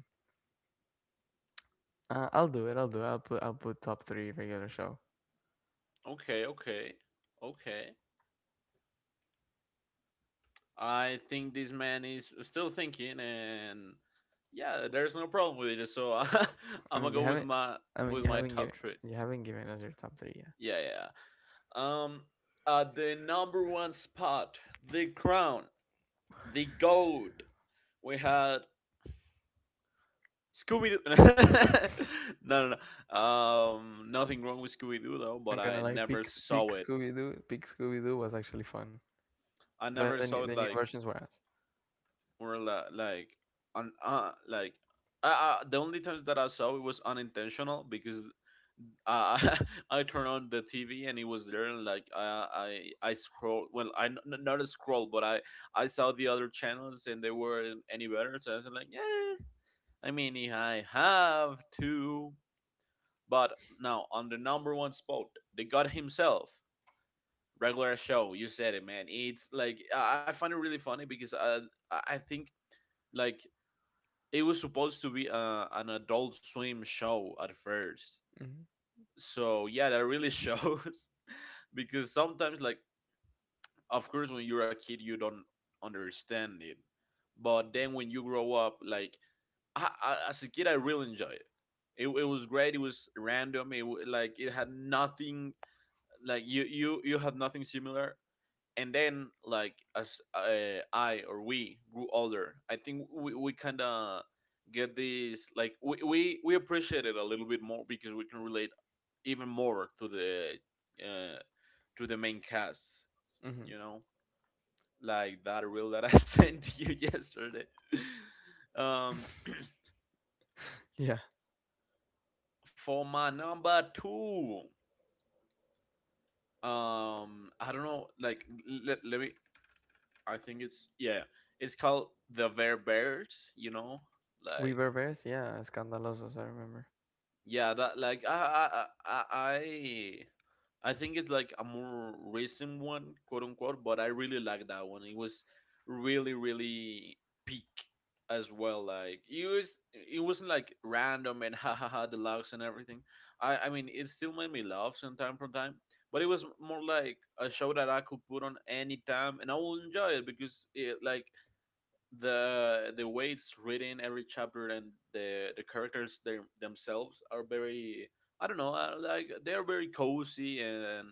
Speaker 1: I'll do it. I'll do it. I'll put top three regular show.
Speaker 3: <laughs> Okay, okay, okay. I think this man is still thinking, and yeah, there's no problem with it. So <laughs>
Speaker 1: I
Speaker 3: I'm
Speaker 1: mean,
Speaker 3: gonna
Speaker 1: you
Speaker 3: go with
Speaker 1: haven't.
Speaker 3: my
Speaker 1: I mean, you
Speaker 3: with my
Speaker 1: haven't given...
Speaker 3: top three.
Speaker 1: you haven't given us your top three. Yeah,
Speaker 3: Yeah, yeah. Um, at the number one spot, the crown, the goat. We had Scooby Doo. <laughs> No, no, no. Nothing wrong with Scooby Doo though,
Speaker 1: I'm
Speaker 3: but
Speaker 1: gonna
Speaker 3: I
Speaker 1: like Peak
Speaker 3: never
Speaker 1: Peak
Speaker 3: saw it.
Speaker 1: Scooby Doo. Peak Scooby Doo was actually fun.
Speaker 3: I
Speaker 1: The the,
Speaker 3: never
Speaker 1: new-
Speaker 3: saw
Speaker 1: the
Speaker 3: it
Speaker 1: new versions were us.
Speaker 3: or la- like like the only times that I saw it was unintentional because uh, <laughs> I turned on the TV and it was there, and like I scroll, well, not a scroll, but I saw the other channels and they weren't any better, so I was like, yeah, I mean, if I have to, but now on the number one spot, the God himself, Regular Show. You said it, man. It's like I find it really funny because I think, like, it was supposed to be an Adult Swim show at first,
Speaker 1: Mm-hmm.
Speaker 3: so yeah, that really shows <laughs> because sometimes, like, of course when you're a kid, you don't understand it. But then when you grow up, like, as a kid, I really enjoyed it. It was great. It was random. Like, it had nothing. Like, you had nothing similar. And then, like, as I or we grew older, I think we kind of get this, like, we appreciate it a little bit more because we can relate even more uh, to the main cast.
Speaker 1: Mm-hmm.
Speaker 3: You know, like, that reel that I <laughs> sent you yesterday. <laughs> um
Speaker 1: Yeah,
Speaker 3: for my number two, I don't know, like, let me, I think it's, yeah, it's called the Bear Bears, you know,
Speaker 1: We
Speaker 3: like.
Speaker 1: Were Bears. Yeah, Scandalosos. I remember.
Speaker 3: Yeah, that, like, I I I think it's like a more recent one, quote unquote, but I really like that one. It was really really peak as well. Like, it wasn't like random and <laughs> ha ha ha deluxe and everything. I mean it still made me laugh some time from time, but it was more like a show that I could put on any time and I will enjoy it because, it like the way it's written every chapter, and the characters, they themselves are very, I don't know, like, they're very cozy, and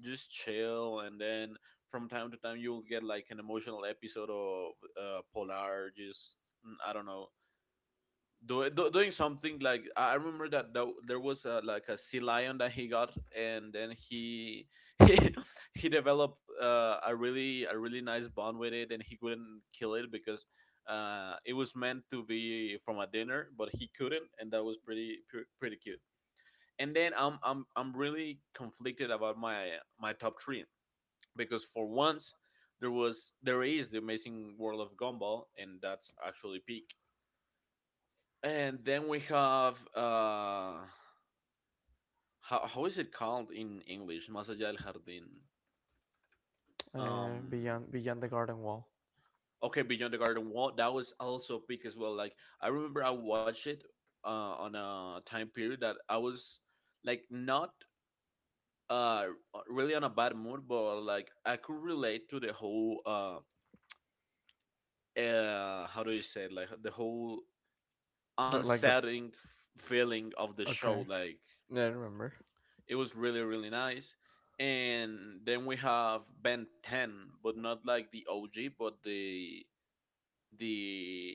Speaker 3: just chill. And then from time to time you'll get like an emotional episode of polar, just, I don't know, doing something. Like, I remember that there was, a, like, a sea lion that he got, and then he <laughs> he he developed a really nice bond with it, and he couldn't kill it because it was meant to be from a dinner, but he couldn't. And that was pretty cute. And then I'm really conflicted about my my top three because for once there is The Amazing World of Gumball, and that's actually peak. And then we have how is it called in English? Más allá del jardín. Um,
Speaker 1: Beyond the Garden Wall.
Speaker 3: okay, Beyond the Garden Wall. That was also big as well. Like, I remember I watched it uh, on a time period that I was, like, not uh really on a bad mood, but like I could relate to the whole how do you say it? Like, the whole
Speaker 1: But like the...
Speaker 3: unsettling feeling of the
Speaker 1: okay.
Speaker 3: show. Like,
Speaker 1: Yeah, I remember.
Speaker 3: it was really really nice. And then we have Ben 10, but not like the OG, but the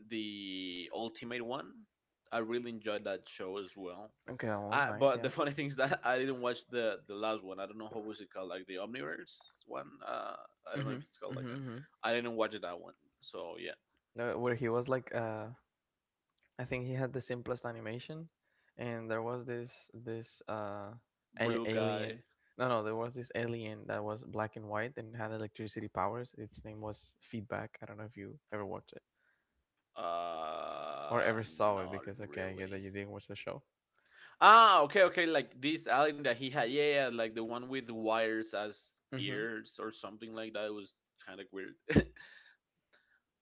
Speaker 3: the ultimate one. I really enjoyed that show as well.
Speaker 1: Okay, that one was nice.
Speaker 3: But
Speaker 1: Yeah.
Speaker 3: the <laughs> funny thing is that I didn't watch the last one. I don't know how was it called, like the Omniverse one. I don't
Speaker 1: Mm-hmm.
Speaker 3: know if it's called like that.
Speaker 1: Mm-hmm.
Speaker 3: I didn't watch that one. So yeah.
Speaker 1: No, where he was like I think he had the simplest animation and there was this
Speaker 3: Blue
Speaker 1: alien.
Speaker 3: Guy.
Speaker 1: No, no, there was this alien that was black and white and had electricity powers. Its name was Feedback. I don't know if you ever watched it or
Speaker 3: Uh,
Speaker 1: ever saw it
Speaker 3: Not
Speaker 1: because okay, I get that you
Speaker 3: really.
Speaker 1: didn't watch the show.
Speaker 3: Ah, okay, okay. Like, this alien that he had, yeah, yeah, like the one with the wires as
Speaker 1: Mm-hmm.
Speaker 3: ears or something like that. It was kind of weird. <laughs>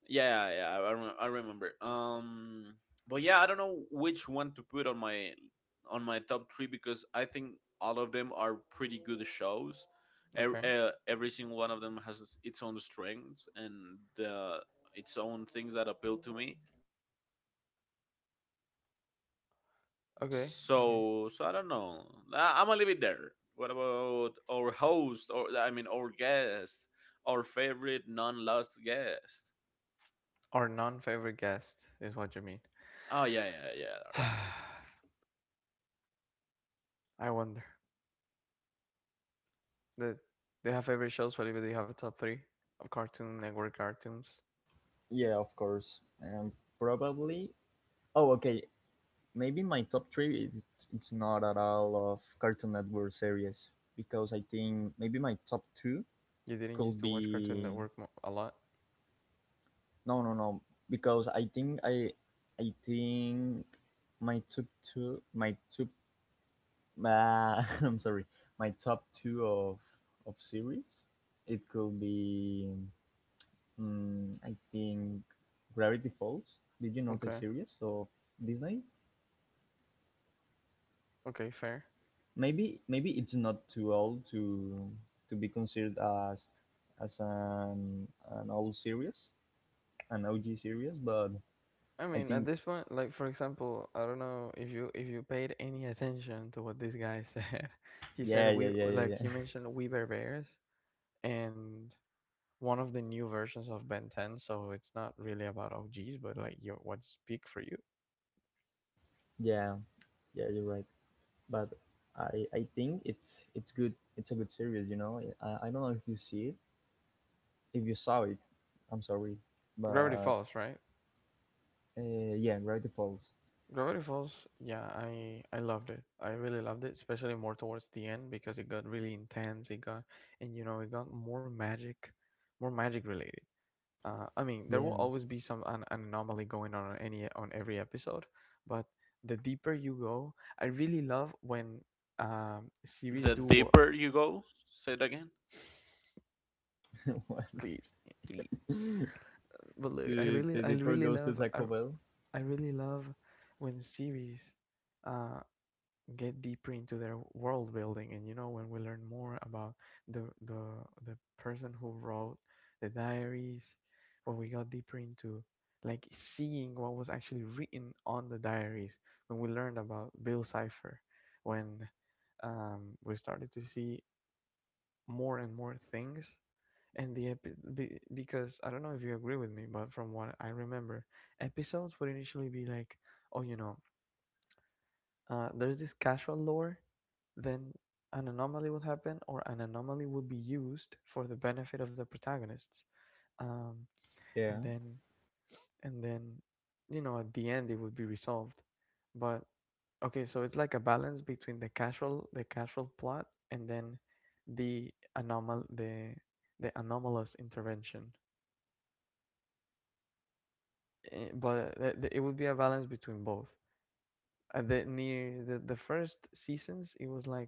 Speaker 3: Yeah, yeah, I remember. But yeah, I don't know which one to put on my top three because I think all of them are pretty good shows.
Speaker 1: Okay,
Speaker 3: Every single one of them has its own strengths and uh, its own things that appeal to me.
Speaker 1: okay, okay,
Speaker 3: So, I don't know. I'm gonna leave it there. What about our host, or I mean, our guest, our favorite non-lost guest?
Speaker 1: our non-favorite guest is what you mean.
Speaker 3: Oh, yeah, yeah, yeah. Right.
Speaker 1: <sighs> I wonder the do you have favorite shows, Felipe? Do you have a top three of Cartoon Network cartoons?
Speaker 2: yeah. Of course. And probably. Oh, okay. Maybe my top three. It's not at all of Cartoon Network series because I think maybe my top two
Speaker 1: You didn't used to
Speaker 2: could
Speaker 1: watch Cartoon
Speaker 2: be
Speaker 1: Network a lot.
Speaker 2: no, no, no. Because I think I think my top two, my top. <laughs> I'm sorry. My top two of series. It could be I think Gravity Falls. Did you know the
Speaker 1: Okay.
Speaker 2: series of Disney?
Speaker 1: Okay, fair.
Speaker 2: Maybe it's not too old to be considered as as an an old series, an OG series, but
Speaker 1: I mean,
Speaker 2: I
Speaker 1: at this
Speaker 2: think
Speaker 1: point, like for example, I don't know if you paid any attention to what this guy said. <laughs> he said
Speaker 2: yeah,
Speaker 1: we
Speaker 2: yeah, yeah,
Speaker 1: like
Speaker 2: yeah,
Speaker 1: he
Speaker 2: yeah. <laughs>
Speaker 1: mentioned We Bear Bears and one of the new versions of Ben 10, so it's not really about OGs, but like your what's peak for you.
Speaker 2: Yeah, yeah you're right. But I think it's good. It's a good series. You know, I don't know if you see it, if you saw it. I'm sorry,
Speaker 1: Gravity
Speaker 2: but
Speaker 1: Falls, right?
Speaker 2: yeah, Gravity Falls.
Speaker 1: Gravity Falls, yeah, I loved it. I really loved it, especially more towards the end because it got really intense. It got... and you know it got more magic related. I mean, there will
Speaker 2: Yeah.
Speaker 1: always be an anomaly going on any... on every episode, but the deeper you go, I really love when series do
Speaker 3: The
Speaker 1: work.
Speaker 3: deeper you go, say it again.
Speaker 2: <laughs>
Speaker 1: Please, please, but look, I
Speaker 2: The
Speaker 1: really
Speaker 2: deeper goes
Speaker 1: love...
Speaker 2: to Taco Bell.
Speaker 1: I really love when series uh, get deeper into their world building and you know when we learn more about the the the person who wrote the diaries, when we got deeper into like seeing what was actually written on the diaries, when we learned about Bill Cipher, when we started to see more and more things. And because I don't know if you agree with me, but from what I remember, episodes would initially be like, oh, you know, there's this casual lore, then an anomaly would happen, or an anomaly would be used for the benefit of the protagonists. Um, and
Speaker 2: Yeah.
Speaker 1: then, and then, you know, at the end it would be resolved. But okay, so it's like a balance between the casual plot, and then the anomal, the the anomalous intervention. It would be a balance between both. At the near the first seasons, it was like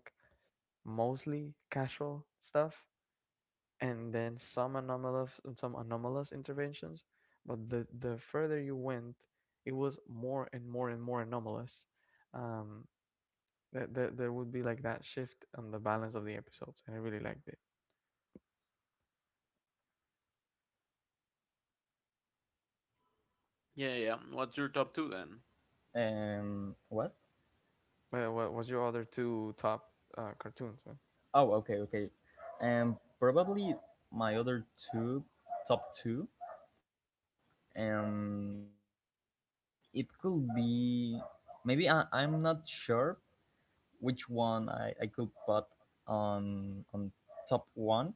Speaker 1: mostly casual stuff, and then some anomalous interventions. But the further you went, it was more and more and more anomalous. Um, there would be like that shift on the balance of the episodes, and I really liked it.
Speaker 3: Yeah, yeah. What's your top two then?
Speaker 2: What?
Speaker 1: But what was your other two top cartoons, man?
Speaker 2: Oh, okay, okay. Probably my other two, top two. Um, it could be maybe I'm not sure which one I could put on top one,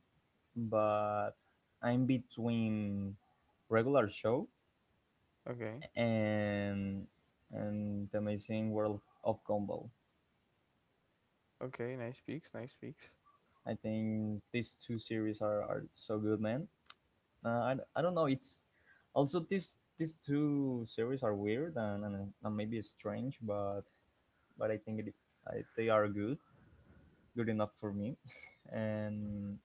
Speaker 2: but I'm between regular show
Speaker 1: Okay,
Speaker 2: and the amazing world of Gumball.
Speaker 1: okay, nice peaks, nice peaks.
Speaker 2: I think these two series are so good, man. I don't know. It's also these two series are weird and maybe strange, but I think they are good, good enough for me. <laughs> And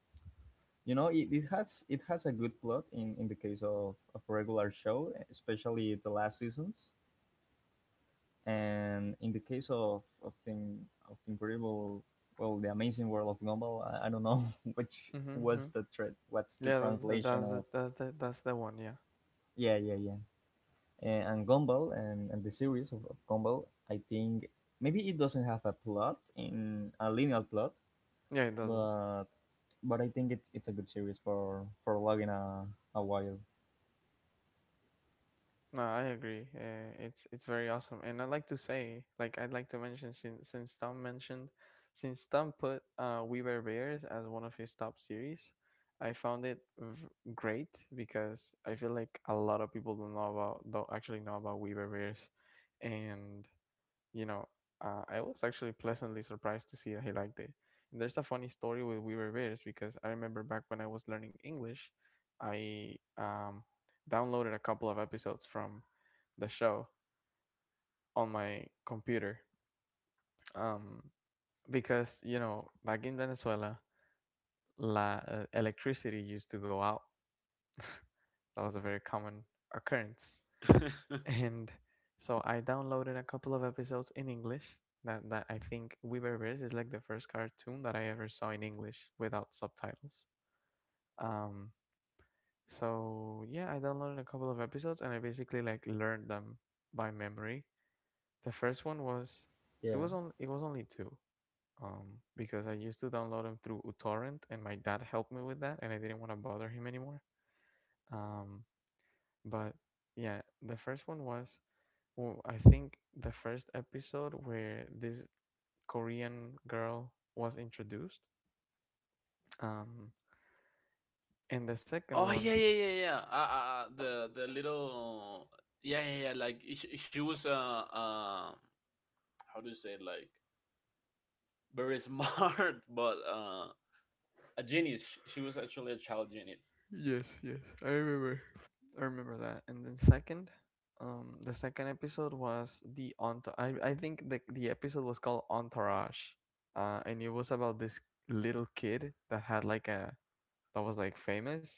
Speaker 2: you know, it has a good plot in the case of a regular show, especially the last seasons. And in the case of of the incredible, well, the amazing world of Gumball, I don't know <laughs> which
Speaker 1: Mm-hmm. Mm-hmm.
Speaker 2: was the what's
Speaker 1: Yeah,
Speaker 2: the translation of
Speaker 1: that's the one. Yeah,
Speaker 2: yeah, yeah, yeah. And Gumball and the series of Gumball. I think maybe it doesn't have a plot in a linear plot,
Speaker 1: yeah, it doesn't.
Speaker 2: but I think it's a good series for logging a while.
Speaker 1: No, I agree. It's very awesome, and I'd like to say, I'd like to mention, since Tom mentioned, since Tom put We Were Bears as one of his top series, I found it great because I feel like a lot of people don't know about... don't actually know about We Were Bears, and you know, I was actually pleasantly surprised to see that he liked it. And there's a funny story with We Were Bears because I remember back when I was learning English, I downloaded a couple of episodes from the show on my computer um, because, you know, back in Venezuela, electricity used to go out. <laughs> That was a very common occurrence. <laughs>
Speaker 3: <laughs>
Speaker 1: And so I downloaded a couple of episodes in English. That that I think Weaver Bears is like the first cartoon that I ever saw in English without subtitles. Um, so yeah, I downloaded a couple of episodes and I basically like learned them by memory. The first one was... it was
Speaker 2: Yeah,
Speaker 1: on... it was only two. Because I used to download them through uTorrent and my dad helped me with that and I didn't want to bother him anymore. Um, but yeah, the first one was... well, I think the first episode where this Korean girl was introduced, um, and the second
Speaker 3: Oh,
Speaker 1: one,
Speaker 3: yeah, yeah, yeah, yeah. The little, yeah, yeah, yeah. Like, she was uh how do you say it? Like, very smart, <laughs> but a genius. She was actually a child genius.
Speaker 1: yes, yes, I remember that. And then second, the second episode was the entourage. I think the episode was called Entourage, and it was about this little kid that had like a... that was like famous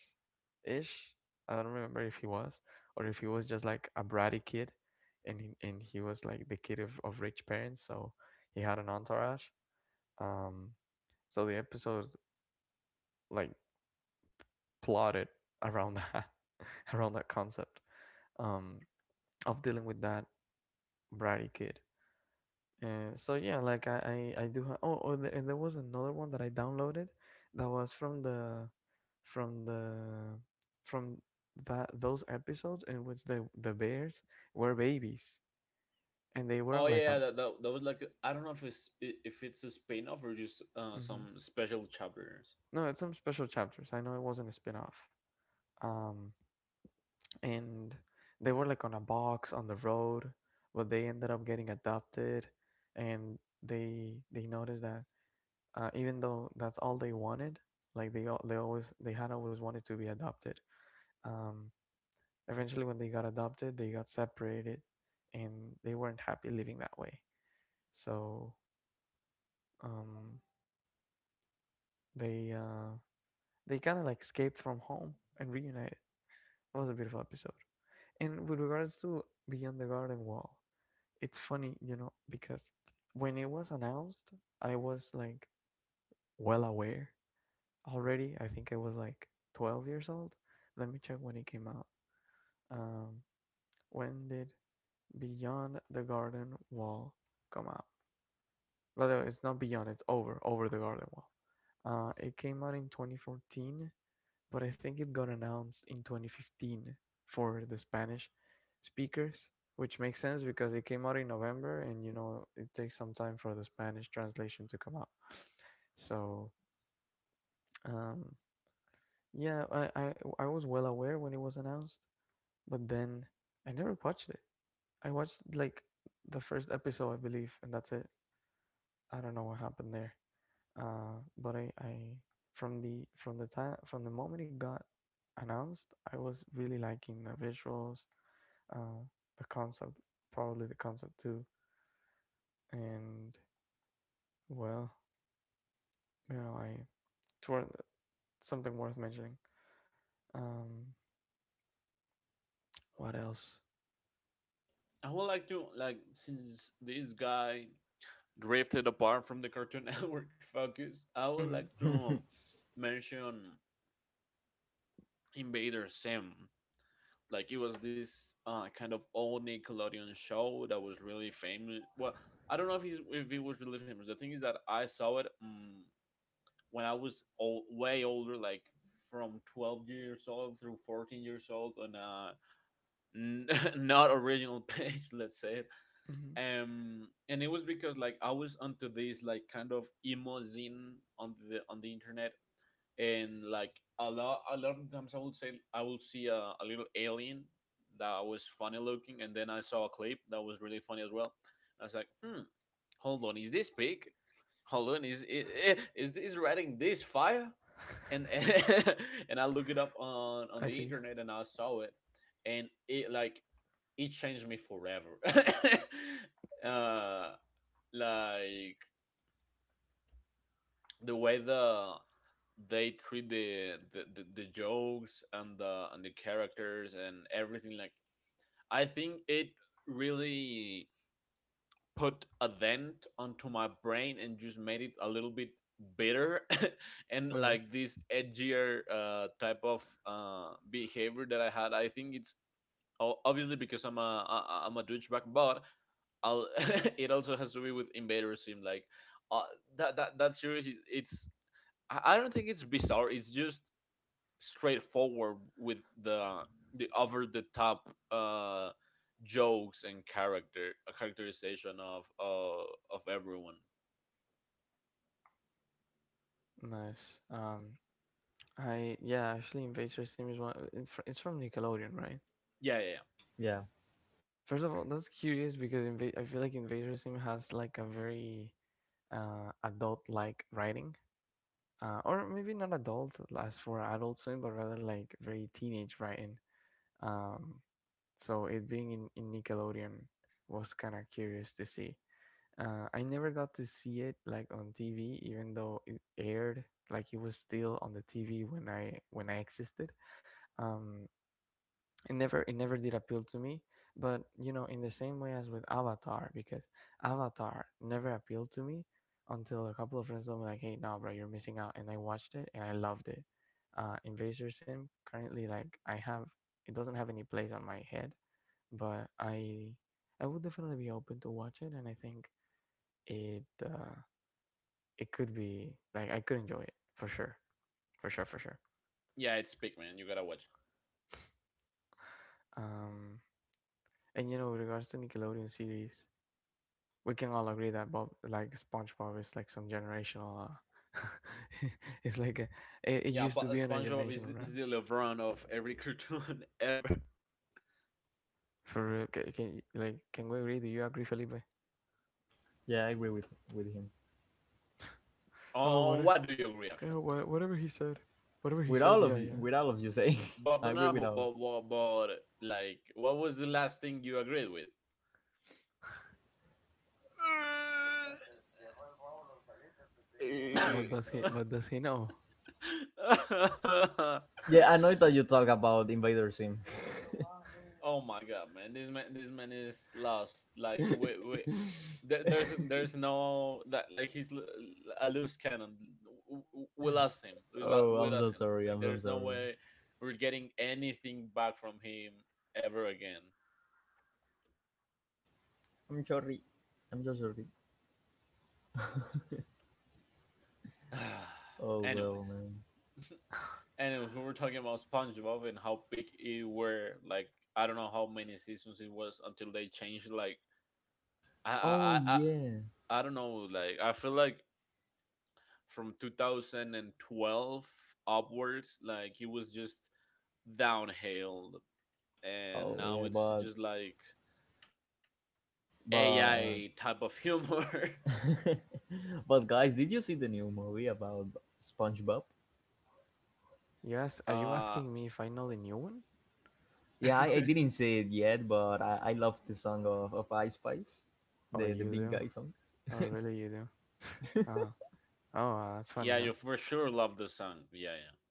Speaker 1: ish. I don't remember if he was... or if he was just like a bratty kid, and he was like the kid of rich parents. So he had an entourage. Um, so the episode like plotted around that, <laughs> around that concept, um, of dealing with that bratty kid. So yeah, like I do have... Oh, oh there, and there was another one that I downloaded, that was from the, from the, from that... those episodes in which the bears were babies and they were on
Speaker 3: Oh,
Speaker 1: like a...
Speaker 3: yeah, yeah, that was I don't know if it's, if it's a spin-off or just
Speaker 1: hmm.
Speaker 3: some special chapters.
Speaker 1: No, it's some special chapters. I know it wasn't a spin-off. Um, and they were like on a box on the road, but they ended up getting adopted, and they noticed that even though that's all they wanted, like they had always wanted to be adopted, um eventually when they got adopted they got separated, and they weren't happy living that way. So um they uh they kind of like escaped from home and reunited. It was a beautiful episode. And with regards to Beyond the Garden Wall, it's funny, you know, because when it was announced, I was like well aware already. I think I was like 12 years old. Let me check when it came out. Um, when did Beyond the Garden Wall come out? By the way, it's not Beyond, it's Over, over the Garden Wall. It came out in 2014, but I think it got announced in 2015 for the Spanish speakers, which makes sense because it came out in November and you know it takes some time for the Spanish translation to come out. So, um, Yeah, I, I I was well aware when it was announced, but then I never watched it. I watched like the first episode, I believe, and that's it. I don't know what happened there. But I from the moment it got announced, I was really liking the visuals, uh, the concept, probably the concept too, and well, you know, I it's worth... something worth mentioning. Um, what else?
Speaker 3: I would like to, like, since this guy drifted apart from the Cartoon <laughs> Network focus, I would
Speaker 1: Hmm.
Speaker 3: like to
Speaker 2: <laughs>
Speaker 3: mention Invader Sim. Like, it was this kind of old Nickelodeon show that was really famous. Well, I don't know if he's, if it was really famous. The thing is that I saw it, when I was old, way older, like from 12 years old through 14 years old on a n- <laughs> not original page, <laughs> let's say it.
Speaker 1: Hmm.
Speaker 3: And it was because, like, I was onto this, like, kind of emo zine on the internet, and, like, a lot of times I would say I will see a, little alien that was funny looking, and then I saw a clip that was really funny as well. I was like, hmm, hold on, is this pig? Hold on, is this writing this fire?
Speaker 1: <laughs>
Speaker 3: and and, <laughs> and I looked it up
Speaker 1: I
Speaker 3: on
Speaker 1: see.
Speaker 3: the internet and I saw it, and it, like, it changed me forever. <laughs> uh, like, the way they treat the jokes and the characters and everything. Like, I think it really put a dent onto my brain and just made it a little bit bitter <laughs> and,
Speaker 1: Okay.
Speaker 3: like, this edgier type of behavior that I had. I think it's, o- obviously because I'm a douchebag, but I'll, <laughs> it also has to be with Invader Sim. Like, uh, that series, is, it's, I don't think it's bizarre. It's just straightforward with the over the top jokes and characterization of everyone.
Speaker 1: Nice. I Yeah, actually, Invader Sim is one. It's from Nickelodeon, right?
Speaker 3: Yeah, yeah, yeah.
Speaker 2: yeah,
Speaker 1: First of all, that's curious because I feel like Invader Sim has like a very adult-like writing, or maybe not adult as for Adult Swim, but rather like very teenage writing. Um, so it being in Nickelodeon was kind of curious to see. I never got to see it like on TV, even though it aired. Like it was still on the TV when I existed. Um it never did appeal to me. But you know, in the same way as with Avatar, because Avatar never appealed to me until a couple of friends told me like, hey, no bro, you're missing out. And I watched it and I loved it. Invasor Sim currently, like, I have it doesn't have any place on my head, but I would definitely be open to watch it, and I think it uh it could be like... I could enjoy it for sure, for sure, for sure.
Speaker 3: Yeah, it's big, man. You gotta watch.
Speaker 1: um and you know, with regards to Nickelodeon series, we can all agree that Bob, like SpongeBob, is like some generational. <laughs> It's like a, it used to
Speaker 3: Yeah,
Speaker 1: be on
Speaker 3: but
Speaker 1: a
Speaker 3: SpongeBob
Speaker 1: generational run.
Speaker 3: is the LeBron of every cartoon <laughs> ever.
Speaker 1: For real. Can we agree? Do you agree, Felipe?
Speaker 2: yeah. I agree with him.
Speaker 1: Oh, what? A-
Speaker 3: On, what do you
Speaker 1: Yeah,
Speaker 3: agree actually?
Speaker 1: whatever he said, whatever he said.
Speaker 2: With
Speaker 1: Yeah,
Speaker 2: all of
Speaker 1: yeah.
Speaker 2: you, with all of you say, <laughs> I
Speaker 3: But
Speaker 2: agree
Speaker 3: no,
Speaker 2: with all.
Speaker 3: but what but like, what was the last thing you agreed with?
Speaker 2: Uh,
Speaker 1: But does
Speaker 2: Eh,
Speaker 1: he? But does he know?
Speaker 2: yeah, I know that
Speaker 3: <laughs>
Speaker 2: you talk about Invader Sim.
Speaker 3: Oh my god, man! This man, this man is lost. Like, wait, wait.
Speaker 2: <laughs>
Speaker 3: There's no that. Like, he's, a loose cannon. We lost him. We lo-
Speaker 2: Oh,
Speaker 3: we
Speaker 2: I'm so
Speaker 3: lost him.
Speaker 2: sorry.
Speaker 3: Like,
Speaker 2: I'm so
Speaker 3: there's no
Speaker 2: sorry.
Speaker 3: way we're getting anything back from him ever again.
Speaker 2: I'm sorry. I'm so sorry.
Speaker 3: <sighs>
Speaker 2: Oh well,
Speaker 3: Anyways,
Speaker 2: man.
Speaker 3: <laughs> anyways, we were talking about SpongeBob and how big it were. Like, I don't know how many seasons it was until they changed. Like, I, I,
Speaker 2: Oh
Speaker 3: I, I
Speaker 2: yeah.
Speaker 3: I don't know. Like, I feel like from 2012 upwards, like, he was just downhill, and
Speaker 2: Oh
Speaker 3: now
Speaker 2: yeah,
Speaker 3: it's
Speaker 2: but
Speaker 3: just like
Speaker 2: but
Speaker 3: AI type of humor.
Speaker 2: <laughs> but guys, did you see the new movie about SpongeBob?
Speaker 1: Yes. Are you asking me
Speaker 3: <laughs>
Speaker 1: if
Speaker 3: uh
Speaker 1: I know the new one?
Speaker 2: Yeah, I didn't
Speaker 3: <laughs>
Speaker 2: see it yet, but I love the song of Ice Spice,
Speaker 1: Oh, you
Speaker 2: the
Speaker 1: do.
Speaker 2: big guy songs.
Speaker 1: Oh, really? You do? Oh, oh, that's funny, huh?
Speaker 3: yeah, you for sure love the song, yeah, yeah.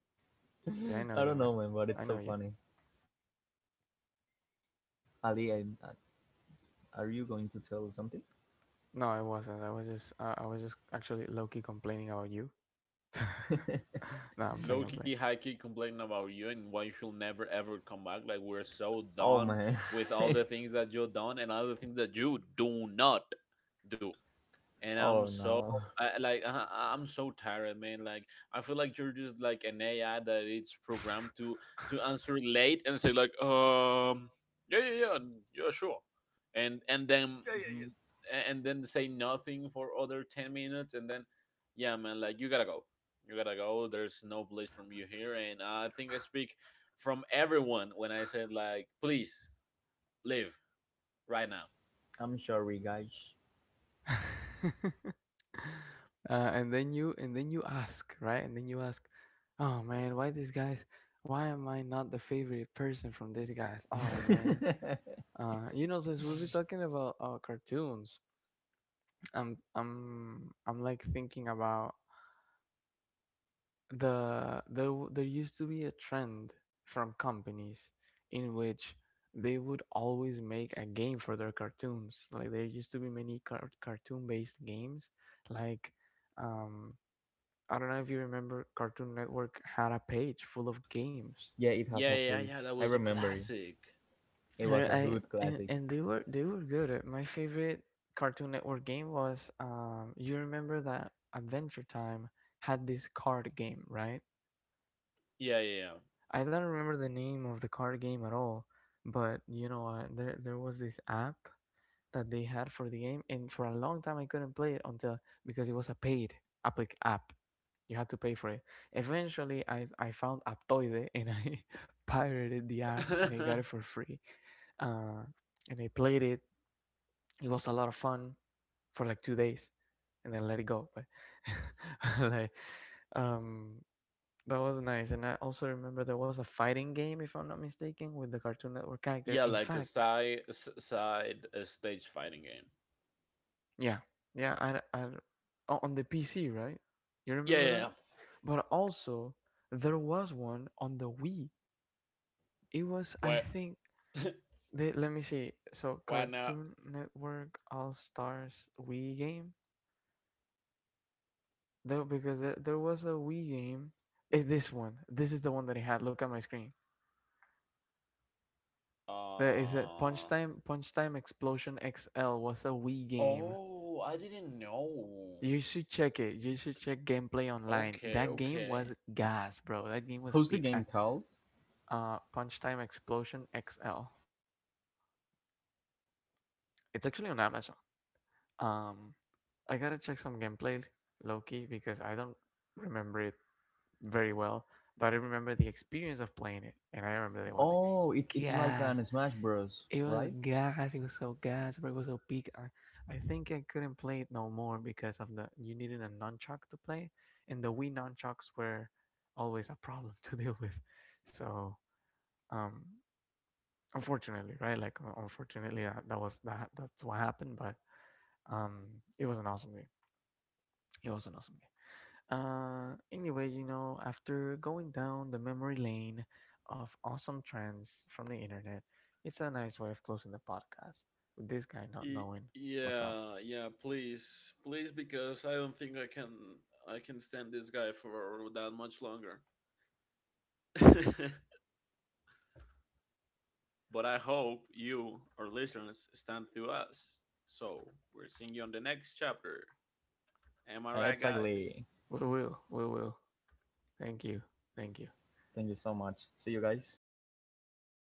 Speaker 1: Yeah, I know you,
Speaker 2: I
Speaker 1: man.
Speaker 2: don't know, man,
Speaker 1: I
Speaker 2: but
Speaker 1: know
Speaker 2: it's
Speaker 1: you.
Speaker 2: so funny. Ali, are you going to tell something?
Speaker 1: No, I wasn't. I was just actually low key complaining about you. <laughs>
Speaker 2: <laughs>
Speaker 1: no, I'm playing. I'm
Speaker 3: Low-key high-key complaining about you and why you should never ever come back, like, we're so
Speaker 2: Oh
Speaker 3: done
Speaker 2: man.
Speaker 3: with all the
Speaker 2: <laughs>
Speaker 3: things that you've done and all the things that you do not do. And
Speaker 2: Oh no.
Speaker 3: I'm so tired, man. Like, I feel like you're just like an AI that it's programmed to answer late and say, like, yeah, yeah, yeah, yeah, sure, and then,
Speaker 2: Yeah, yeah, yeah.
Speaker 3: mm, and then say nothing for other 10 minutes, and then, yeah, man, like, you gotta go, you gotta go. There's no place from you here, and I think I speak from everyone when I said, like, please leave right now.
Speaker 2: I'm sorry, guys.
Speaker 1: playing. <laughs> And then you, and then you ask, right? And then you ask, oh man, why these guys? Why am I not the favorite person from these guys? Oh man.
Speaker 2: <laughs>
Speaker 1: You know, since we've been talking about cartoons, I'm like thinking about... there there used to be a trend from companies in which they would always make a game for their cartoons. Like there used to be many cartoon-based games. Like, um, I don't know if you remember, Cartoon Network had a page full of games.
Speaker 2: Yeah, it has
Speaker 3: Yeah,
Speaker 2: a
Speaker 3: yeah, yeah.
Speaker 2: page,
Speaker 3: That
Speaker 2: I
Speaker 3: was a
Speaker 2: remember it.
Speaker 3: classic.
Speaker 1: And
Speaker 2: It was
Speaker 1: I
Speaker 2: a hood
Speaker 1: and, and
Speaker 2: classic.
Speaker 1: they were... they were good. My favorite Cartoon Network game was, you remember that Adventure Time had this card game, right?
Speaker 3: Yeah, yeah, yeah.
Speaker 1: I don't remember the name of the card game at all, but you know what? There was this app that they had for the game, and for a long time I couldn't play it until... because it was a paid app. You had to pay for it. Eventually, I found Aptoide and I <laughs> pirated the app and I got it for
Speaker 3: <laughs>
Speaker 1: free. Uh, and I played it. It was a lot of fun for like 2 days, and then let it go. But, <laughs> like, um, that was nice. And I also remember there was a fighting game, if I'm not mistaken, with the Cartoon Network character. In
Speaker 3: Yeah,
Speaker 1: fact,
Speaker 3: like a side stage fighting game.
Speaker 1: yeah, yeah, I on the PC, right? You remember
Speaker 3: Yeah,
Speaker 1: that?
Speaker 3: yeah. Yeah.
Speaker 1: But also, there was one on the Wii. It was, I
Speaker 3: Why
Speaker 1: think,
Speaker 3: <laughs>
Speaker 1: let me see. So,
Speaker 3: why
Speaker 1: Cartoon
Speaker 3: not?
Speaker 1: Network All Stars Wii game. There, because there was a Wii game. It's this one. This is the one that I had. Look at my screen. There is a
Speaker 3: Uh
Speaker 1: Punch Time Explosion XL. Was a Wii game.
Speaker 3: oh, I didn't
Speaker 1: You
Speaker 3: know.
Speaker 1: should check it. You should check gameplay online. That
Speaker 3: Okay,
Speaker 1: game was
Speaker 3: okay.
Speaker 1: gas, bro. That game was peak.
Speaker 2: How's
Speaker 1: I,
Speaker 2: the game called?
Speaker 1: Punch Time Explosion XL. It's actually on Amazon. Um, I gotta check some gameplay, Loki, because I don't remember it very well. But I remember the experience of playing it, and I remember that it was
Speaker 2: Oh, it, it's
Speaker 1: gas.
Speaker 2: like an Smash
Speaker 1: It
Speaker 2: Bros,
Speaker 1: was
Speaker 2: right?
Speaker 1: gas. It was so gas, but it was so big. I think I couldn't play it no more because of the... you needed a nunchuck to play, and the Wii nunchucks were always a problem <laughs> to deal with. So, um, unfortunately, right? Like, unfortunately, that was that's what happened. But, um, it was an awesome game. It was an awesome game. Anyway, you know, after going down the memory lane of awesome trends from the internet, it's a nice way of closing the podcast with this guy not
Speaker 3: Y-
Speaker 1: knowing what's up.
Speaker 3: yeah, yeah, please. Please, because I don't think I can stand this guy for that much longer. <laughs> But I hope you, our listeners, stand through us. So we're seeing you on the next chapter. Am I right, guys?
Speaker 2: Exactly.
Speaker 1: We will, we will. Thank you, thank you.
Speaker 2: Thank you so much. See you guys.